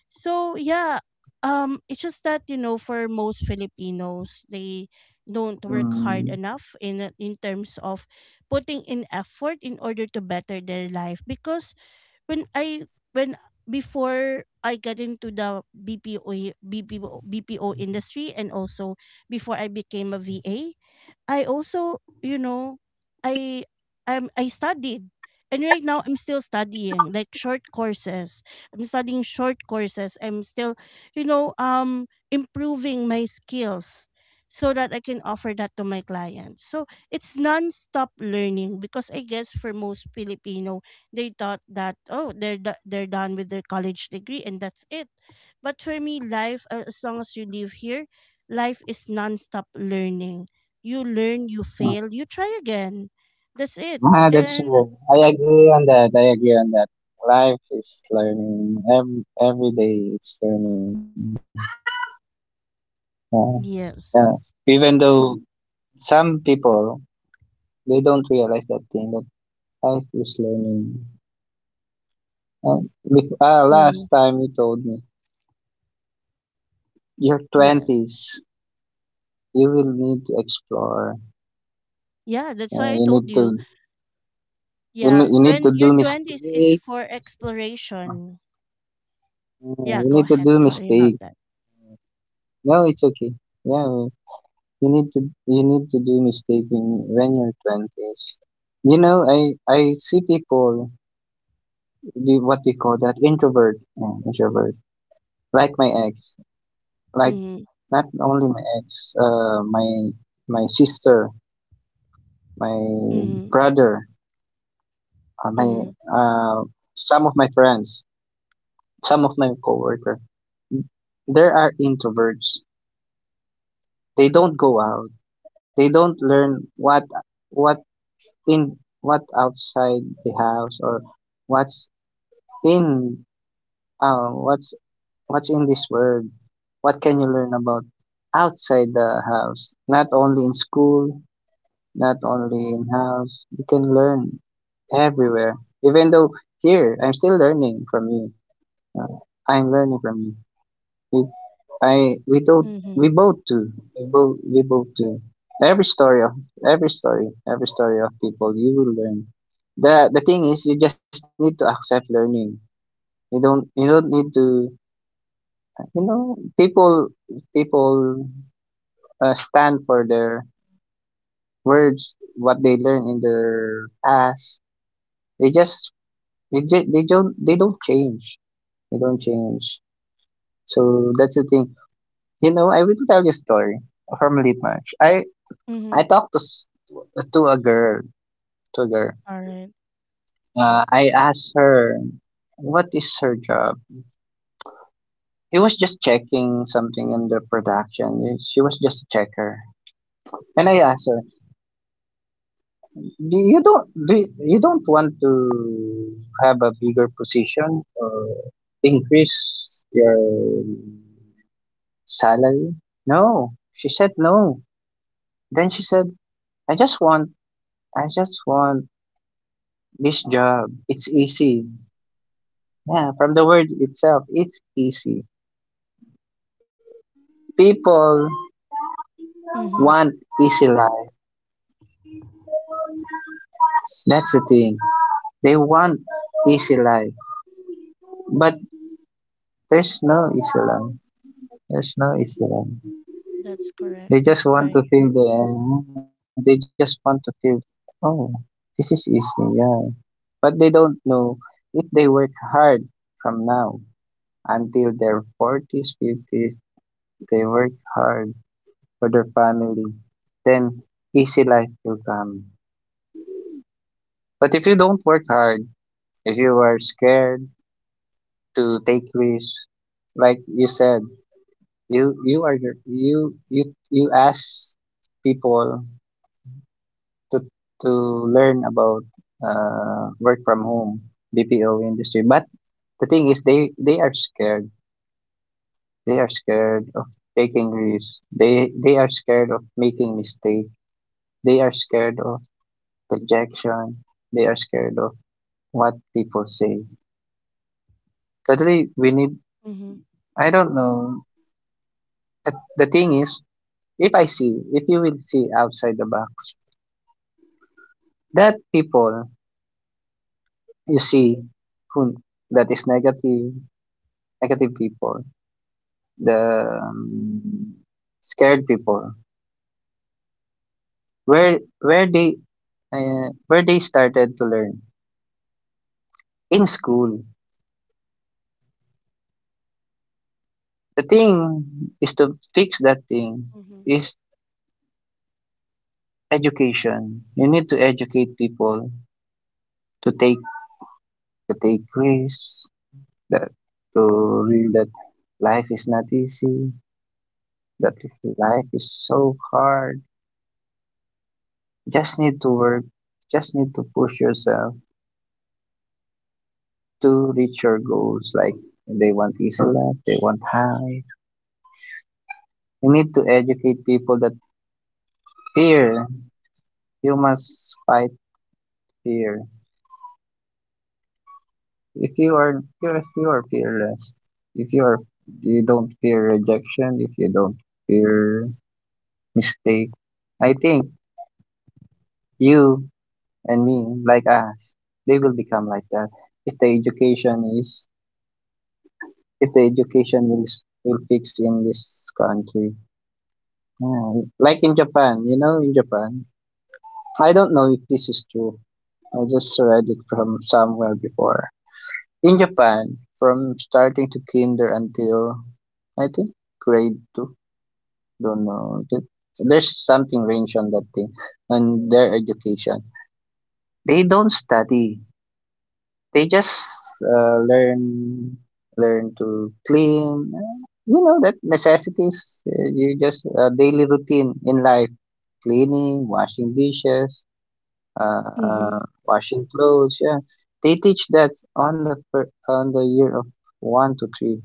Speaker 1: So yeah, it's just that, you know, for most Filipinos, they don't work hard
Speaker 2: Mm,
Speaker 1: enough in terms of putting in effort in order to better their life. Because when I when before I got into the BPO industry and also before I became a VA, I also, you know, I I studied. And right now I'm still studying like short courses. I'm studying short courses. I'm still, improving my skills so that I can offer that to my clients. So it's non-stop learning because I guess for most Filipino, they thought that, "Oh, they're they're done with their college degree and that's it." But for me, life, as long as you live here, life is non-stop learning. You learn, you fail, you try again. That's it.
Speaker 2: ah, that's
Speaker 1: And
Speaker 2: true. I agree on that. I agree on that. Life is learning. Every day it's learning. Yeah, yeah.
Speaker 1: yes.
Speaker 2: Even though some people they don't realize that thing that life is learning. Uh, Last
Speaker 1: Hmm.
Speaker 2: time you told me your
Speaker 1: Yes.
Speaker 2: twenties. You will need to explore.
Speaker 1: Yeah, that's
Speaker 2: Uh,
Speaker 1: why I
Speaker 2: you
Speaker 1: told
Speaker 2: need
Speaker 1: you.
Speaker 2: to
Speaker 1: Yeah,
Speaker 2: you need to
Speaker 1: when
Speaker 2: do
Speaker 1: your 20s is
Speaker 2: mistake.
Speaker 1: for
Speaker 2: Uh,
Speaker 1: exploration. Yeah,
Speaker 2: you
Speaker 1: go
Speaker 2: need to
Speaker 1: ahead.
Speaker 2: do
Speaker 1: Sorry about
Speaker 2: mistake.
Speaker 1: that.
Speaker 2: No, it's okay. Yeah, you need to you need to do mistake when you're twenties. You know, I I see people what we call that introvert, introvert. Like my ex, like
Speaker 1: Mm-hmm.
Speaker 2: not only my ex, my sister, my
Speaker 1: Mm-hmm.
Speaker 2: brother, my
Speaker 1: Mm-hmm.
Speaker 2: uh, some of my friends. Some of my coworker, there are introverts. They don't go out. They don't learn what what outside the house or what's in uh, what's what's in this world. What can you learn about outside the house? Not only in school, not only in house. You can learn everywhere. Even though here I'm still learning from you. Uh, I'm learning from you. I we don't
Speaker 1: Mm-hmm.
Speaker 2: We both do. We both do. Every story of every story of people you will learn. The thing is you just need to accept learning. You don't need to, you know people people stand for their words what they learn in their past. They just they don't change. They don't change. So that's the thing. I will tell you a story from Litmarch. I
Speaker 1: Mm-hmm.
Speaker 2: I talked to a girl, to a girl.
Speaker 1: All right.
Speaker 2: I asked her what is her job. He was just checking something in the production. She was just a checker. And I asked her, "Do you don't do you don't want to have a bigger position or increase your salary?" No, she said no. Then she said, "I just want I just want this job. It's easy." Yeah, from the word itself, it's easy. People
Speaker 1: Mm-hmm.
Speaker 2: want easy life. That's the thing. They want easy life, but there's no easy life. There's no easy life.
Speaker 1: That's correct.
Speaker 2: They
Speaker 1: That's
Speaker 2: just want
Speaker 1: right.
Speaker 2: to feel the. They just want to feel, oh, this is easy. Yeah, but they don't know if they work hard from now until their forties, fifties. They work hard for their family. Then easy life will come. But if you don't work hard, if you are scared to take risks, like you said, you are you ask people to to learn about work from home BPO industry. But the thing is, they are scared. They are scared of taking risks. They are scared of making mistake. They are scared of rejection. They are scared of what people say. Totally, we need.
Speaker 1: Mm-hmm.
Speaker 2: I don't know. The thing is, if I see, if you will see outside the box, that people you see who that is negative, negative people, the scared people, where they where they started to learn in school. The thing is to fix that thing
Speaker 1: Mm-hmm.
Speaker 2: is education. You need to educate people to take to take risks, that to real that life is not easy. That life is so hard. Just need to work, just need to push yourself to reach your goals. Like they want easy life, they want high. You need to educate people that fear. You must fight fear. If you are fearless, if you are you don't fear rejection, if you don't fear mistake, I think you and me, like us, they will become like that if the education is, if the education will will fix in this country. Yeah, like in Japan, you know, in Japan. I don't know if this is true. I just read it from somewhere before. In Japan, from starting to kinder until I think grade two, don't know. There's something range on that thing, on their education. They don't study. They just uh, learn learn to clean. You know that necessities. You just daily routine in life: cleaning, washing dishes, uh, uh,
Speaker 1: Mm-hmm.
Speaker 2: washing clothes. Yeah, they teach that on the on the year of one to three.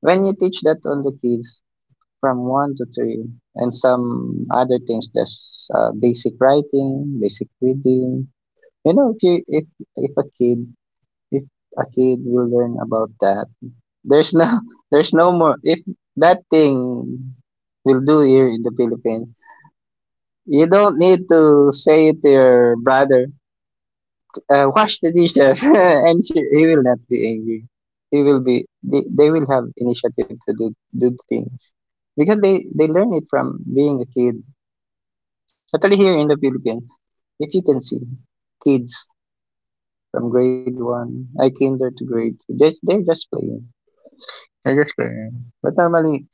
Speaker 2: When you teach that on the kids from one to three, and some other things, just basic writing, basic reading. You know, if a kid. If A kid will learn about that, there's no <laughs> there's no more if that thing will do here in the Philippines, you don't need to say to your brother, wash the dishes <laughs> and he will not be angry. He will be they will have initiative to do things. Because they learn it from being a kid. Especially here in the Philippines, if you can see kids from grade one, I kinder to grade two. Just they're just playing. They're just playing. But normally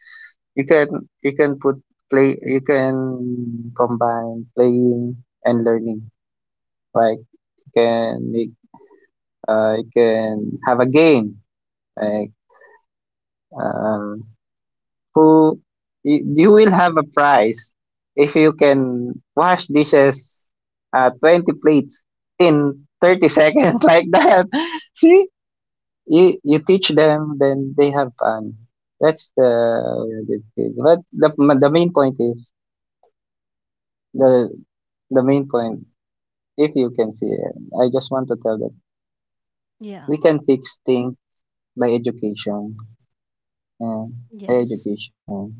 Speaker 2: you can put play you can combine playing and learning. Like you can make you can have a game. Like um, who you will have a prize if you can wash dishes, 20 plates in 30 seconds <laughs> like that. <laughs> See, you teach them, then they have fun. That's the, the thing. But The main point is the the main point, if you can see it, I just want to tell that
Speaker 1: Yeah.
Speaker 2: we can fix things by education and by
Speaker 1: Yes.
Speaker 2: education.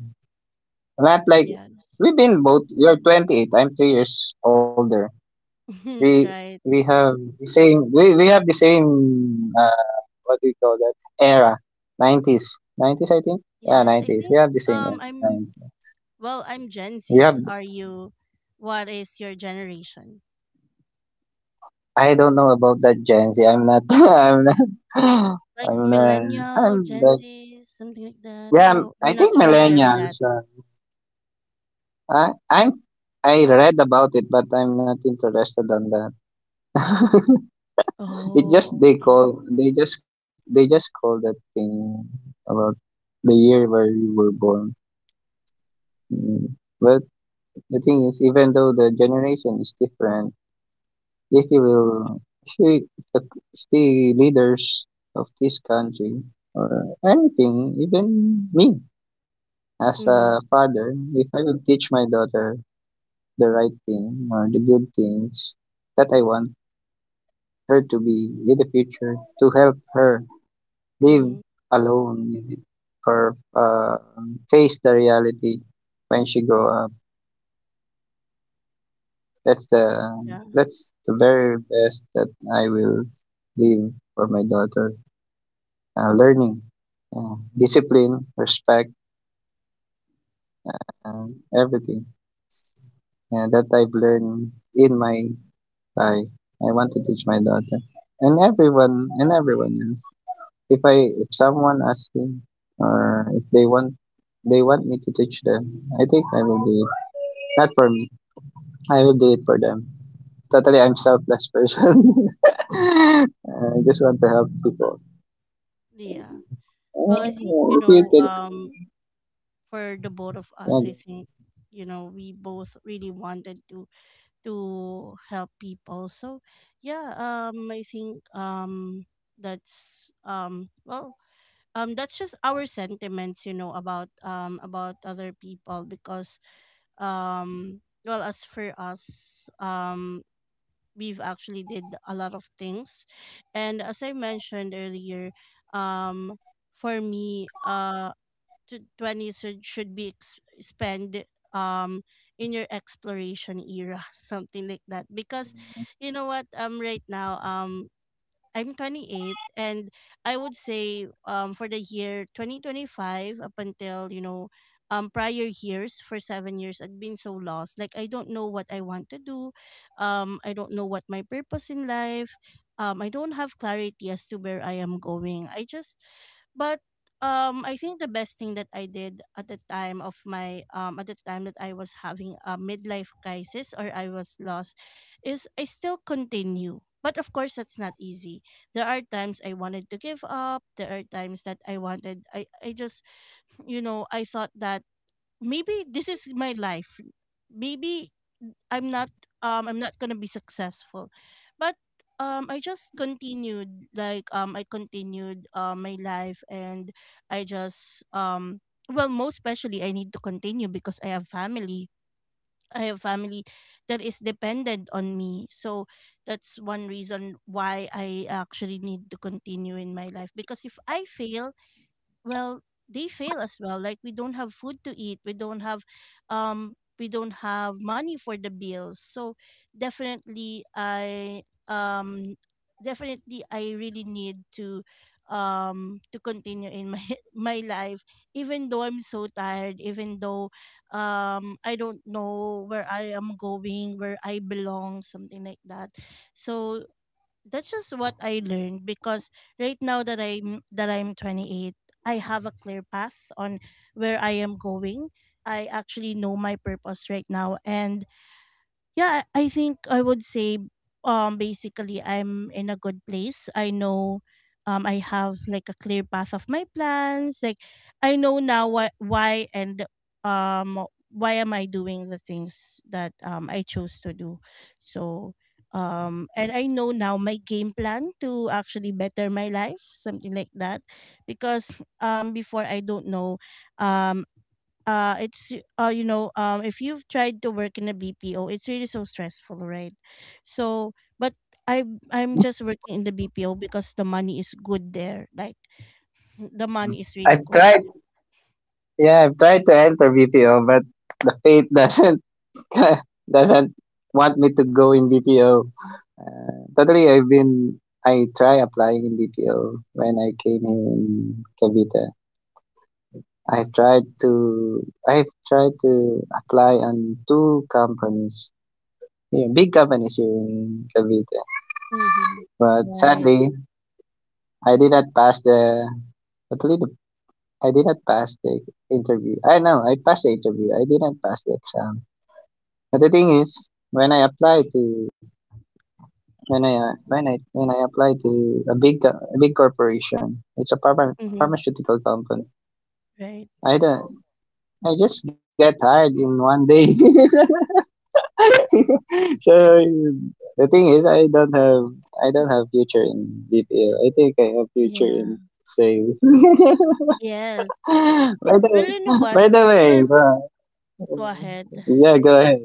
Speaker 2: Not like
Speaker 1: Yes.
Speaker 2: we've been both. You're 28. I'm 3 years older. We
Speaker 1: <laughs> Right.
Speaker 2: we have the same. We have the same. What do you call that era? 90s. 90s, I think. Yeah,
Speaker 1: Yes. I
Speaker 2: 90s. We
Speaker 1: think
Speaker 2: have the same era. 90s.
Speaker 1: I'm Well, I'm Gen
Speaker 2: We have.
Speaker 1: Z's. Are you? What is your generation?
Speaker 2: I don't know about that Gen Z. I'm not. <laughs> I'm not.
Speaker 1: Like
Speaker 2: I'm not.
Speaker 1: millennial,
Speaker 2: I'm
Speaker 1: Gen
Speaker 2: like,
Speaker 1: Z's, something like that.
Speaker 2: yeah,
Speaker 1: Oh,
Speaker 2: I
Speaker 1: you're not
Speaker 2: think
Speaker 1: familiar with that.
Speaker 2: millennials. I I'm I read about it, but I'm not interested on that. <laughs> It just
Speaker 1: Oh, okay.
Speaker 2: they just call that thing about the year where you were born. Mm. But the thing is, even though the generation is different, if you will, if you, the, the leaders of this country or anything, even me as
Speaker 1: Mm-hmm.
Speaker 2: a father, if I will teach my daughter the right thing or the good things that I want her to be in the future to help her live
Speaker 1: Mm-hmm.
Speaker 2: alone with or face the reality when she grow up. That's the
Speaker 1: Yeah.
Speaker 2: that's the very best that I will leave for my daughter. Learning, discipline, respect, and everything that I've learned in my life. I want to teach my daughter and everyone else. If someone asks me or if they want me to teach them, I think I will do it. Not for me. I will do it for them. Totally, I'm selfless person. <laughs> I just want to help people.
Speaker 1: Yeah. Well,
Speaker 2: Oh,
Speaker 1: I think,
Speaker 2: if you can,
Speaker 1: for the both of us,
Speaker 2: yeah.
Speaker 1: I think, we both really wanted to help people. So yeah, I think that's that's just our sentiments, you know, about other people. Because well, as for us, we've actually did a lot of things. And as I mentioned earlier, um for me, to 20 should be spent um in your exploration era, <laughs> something like that. Because you know what, right now, I'm 28. And I would say, for the year 2025 up until, you know, prior years, for 7 years I've been so lost. Like, I don't know what I want to do. I don't know what my purpose in life. I don't have clarity as to where I am going. I just but I think the best thing that I did at the time of my at the time that I was having a midlife crisis or I was lost is I still continue. But of course, that's not easy. There are times I wanted to give up. There are times that I wanted, I just, you know, I thought that maybe this is my life. Maybe I'm not I'm not gonna be successful. But I just continued. Like, I continued my life. And I just most especially I need to continue because I have family. I have family that is dependent on me. So that's one reason why I actually need to continue in my life. Because if I fail, well, they fail as well. Like, we don't have food to eat, we don't have money for the bills. So definitely I um definitely I really need to continue in my <laughs> my life, even though I'm so tired, even though I don't know where I am going, where I belong, something like that. So that's just what I learned. Because right now that I'm 28, I have a clear path on where I am going. I actually know my purpose right now. And yeah, I think I would say basically I'm in a good place. I know I have like a clear path of my plans. Like, I know now why. And um why am I doing the things that I chose to do. So and I know now my game plan to actually better my life, something like that. Because before, I don't know, um it's you know, if you've tried to work in a BPO, it's really so stressful, right? So but I am, I'm just working in the BPO because the money is good there. Like, the money is really
Speaker 2: I've
Speaker 1: good.
Speaker 2: tried. Yeah, I've tried to enter BPO, but the fate doesn't <laughs> doesn't want me to go in BPO. Totally, I've been. I try applying in BPO when I came here in Cavite. I've tried to I've tried to apply on 2 companies here, big companies here in Cavite.
Speaker 1: Mm-hmm.
Speaker 2: But
Speaker 1: Right.
Speaker 2: sadly, I did not pass the actually the I did not pass the interview. I know I passed the interview. I did not pass the exam. But the thing is, when I apply to a a big corporation, it's a
Speaker 1: Mm-hmm.
Speaker 2: pharmaceutical company.
Speaker 1: Right.
Speaker 2: I don't. I just get hired in one day. <laughs> <laughs> So the thing is, I don't have future in BPO. I think I have future
Speaker 1: Yeah.
Speaker 2: in sales. <laughs>
Speaker 1: Yes.
Speaker 2: By the
Speaker 1: Well, you know what,
Speaker 2: way,
Speaker 1: for
Speaker 2: uh,
Speaker 1: go ahead.
Speaker 2: yeah, go ahead.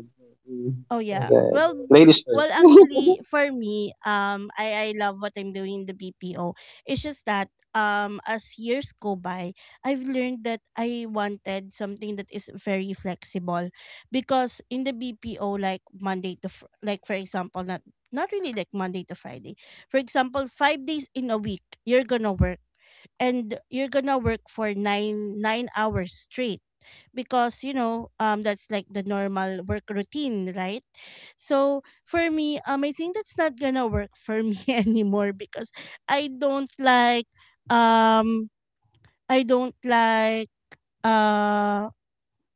Speaker 2: Mm,
Speaker 1: Oh yeah.
Speaker 2: go ahead,
Speaker 1: Well,
Speaker 2: ladies
Speaker 1: well
Speaker 2: first.
Speaker 1: actually for me, I love what I'm doing in the BPO. It's just that, as years go by, I've learned that I wanted something that is very flexible. Because in the BPO, like Monday to like for example, not not really like Monday to Friday. For example, 5 days in a week you're going to work, and you're going to work for 9 hours straight. Because you know, that's like the normal work routine, right? So for me, I think that's not gonna work for me <laughs> anymore. Because I don't like um I don't like uh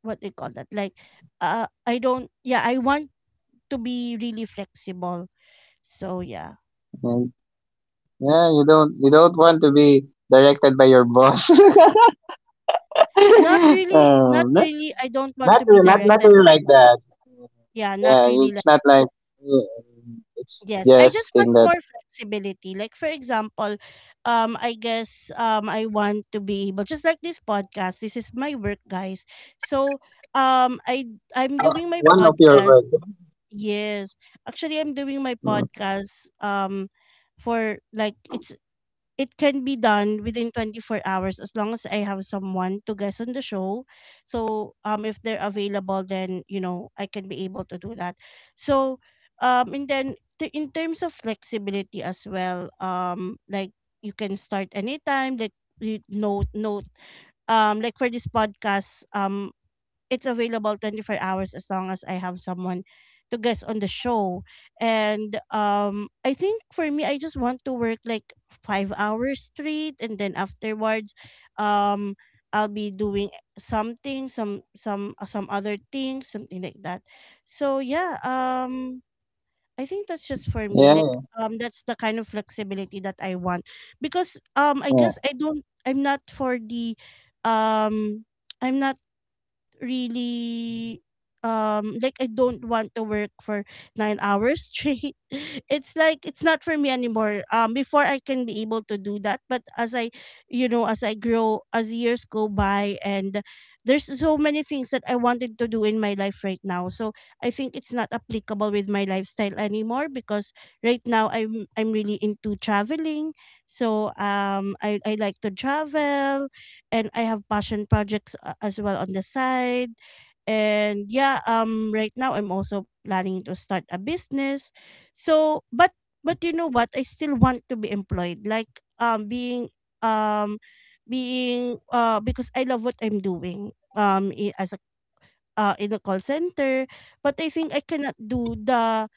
Speaker 1: what they call that, like I don't yeah I want to be really flexible. So yeah,
Speaker 2: Yeah, yeah. You don't want to be directed by your boss.
Speaker 1: not
Speaker 2: <laughs>
Speaker 1: really, not
Speaker 2: Not,
Speaker 1: really, I don't want
Speaker 2: not
Speaker 1: to be
Speaker 2: really, not, not
Speaker 1: directed.
Speaker 2: really like that.
Speaker 1: Yeah, not
Speaker 2: Yeah,
Speaker 1: really.
Speaker 2: it's not like, yeah, it's
Speaker 1: Yes, I
Speaker 2: just
Speaker 1: just want
Speaker 2: thing that
Speaker 1: more flexibility. Like, for example, I guess I want to be able, just like this podcast. This is my work, guys. So, um I I'm doing my
Speaker 2: one of your
Speaker 1: podcast.
Speaker 2: work.
Speaker 1: Yes. Actually, I'm doing my
Speaker 2: Mm.
Speaker 1: podcast, for like it's it can be done within 24 hours as long as I have someone to guest on the show. So if they're available, then you know I can be able to do that. So and then, in terms of flexibility as well, like, you can start anytime. Like, you note note like for this podcast, it's available 24 hours as long as I have someone to guest on the show. And I think for me I just want to work like 5 hours straight, and then afterwards um I'll be doing something, some other things, something like that. So yeah, I think that's just for me, like,
Speaker 2: Yeah,
Speaker 1: that's the kind of flexibility that I want. Because I guess
Speaker 2: yeah.
Speaker 1: I'm not for the um I'm not really like, I don't want to work for 9 hours straight. <laughs> It's like it's not for me anymore. Before, I can be able to do that. But as I, you know, as I grow, as years go by, and there's so many things that I wanted to do in my life right now. So I think it's not applicable with my lifestyle anymore. Because right now I'm really into traveling. So I like to travel. And I have passion projects, as well, on the side. And yeah, right now I'm also planning to start a business. So but you know what? I still want to be employed. Like, um being, because I love what I'm doing, as a, in a call center. But I think I cannot do the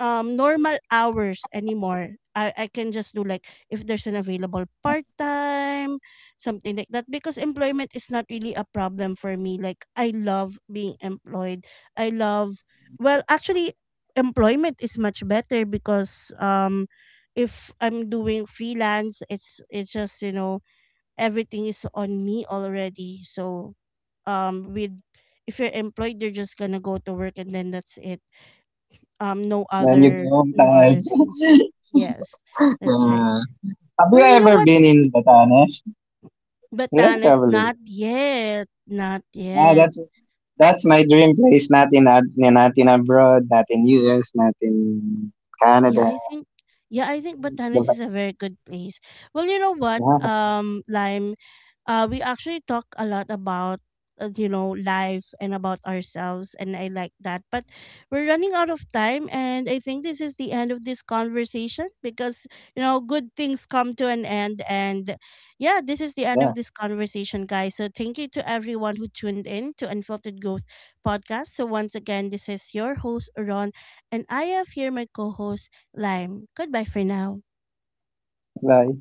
Speaker 1: normal hours anymore. I can just do like, if there's an available part-time, something like that. Because employment is not really a problem for me. Like, I love being employed. I love, well, actually, employment is much better. Because if I'm doing freelance, it's just, you know, everything is on me already. So, with if you're employed, you're just gonna go to work and then that's it.
Speaker 2: Then you go home
Speaker 1: No
Speaker 2: tired.
Speaker 1: other things.
Speaker 2: <laughs>
Speaker 1: Yes. That's right.
Speaker 2: Yeah. Have
Speaker 1: Well,
Speaker 2: you
Speaker 1: you know
Speaker 2: ever
Speaker 1: what,
Speaker 2: been in Batanes? You like
Speaker 1: Batanes,
Speaker 2: traveling?
Speaker 1: not yet, not
Speaker 2: Ah,
Speaker 1: yet.
Speaker 2: that's my dream place. Not in ad, not in abroad, not in US, not in
Speaker 1: Yeah,
Speaker 2: Canada.
Speaker 1: I think, yeah, I think
Speaker 2: The
Speaker 1: Batanes
Speaker 2: Ba-
Speaker 1: is a very good place. Well, you know what,
Speaker 2: Yeah,
Speaker 1: Lime, we actually talk a lot about, you know, life and about ourselves, and I like that. But we're running out of time, and I think this is the end of this conversation. Because, you know, good things come to an end, and yeah, this is the end
Speaker 2: yeah.
Speaker 1: of this conversation, guys. So thank you to everyone who tuned in to Unfiltered Growth podcast. So once again, this is your host Ron, and I have here my co-host. Lime. Goodbye for now.
Speaker 2: But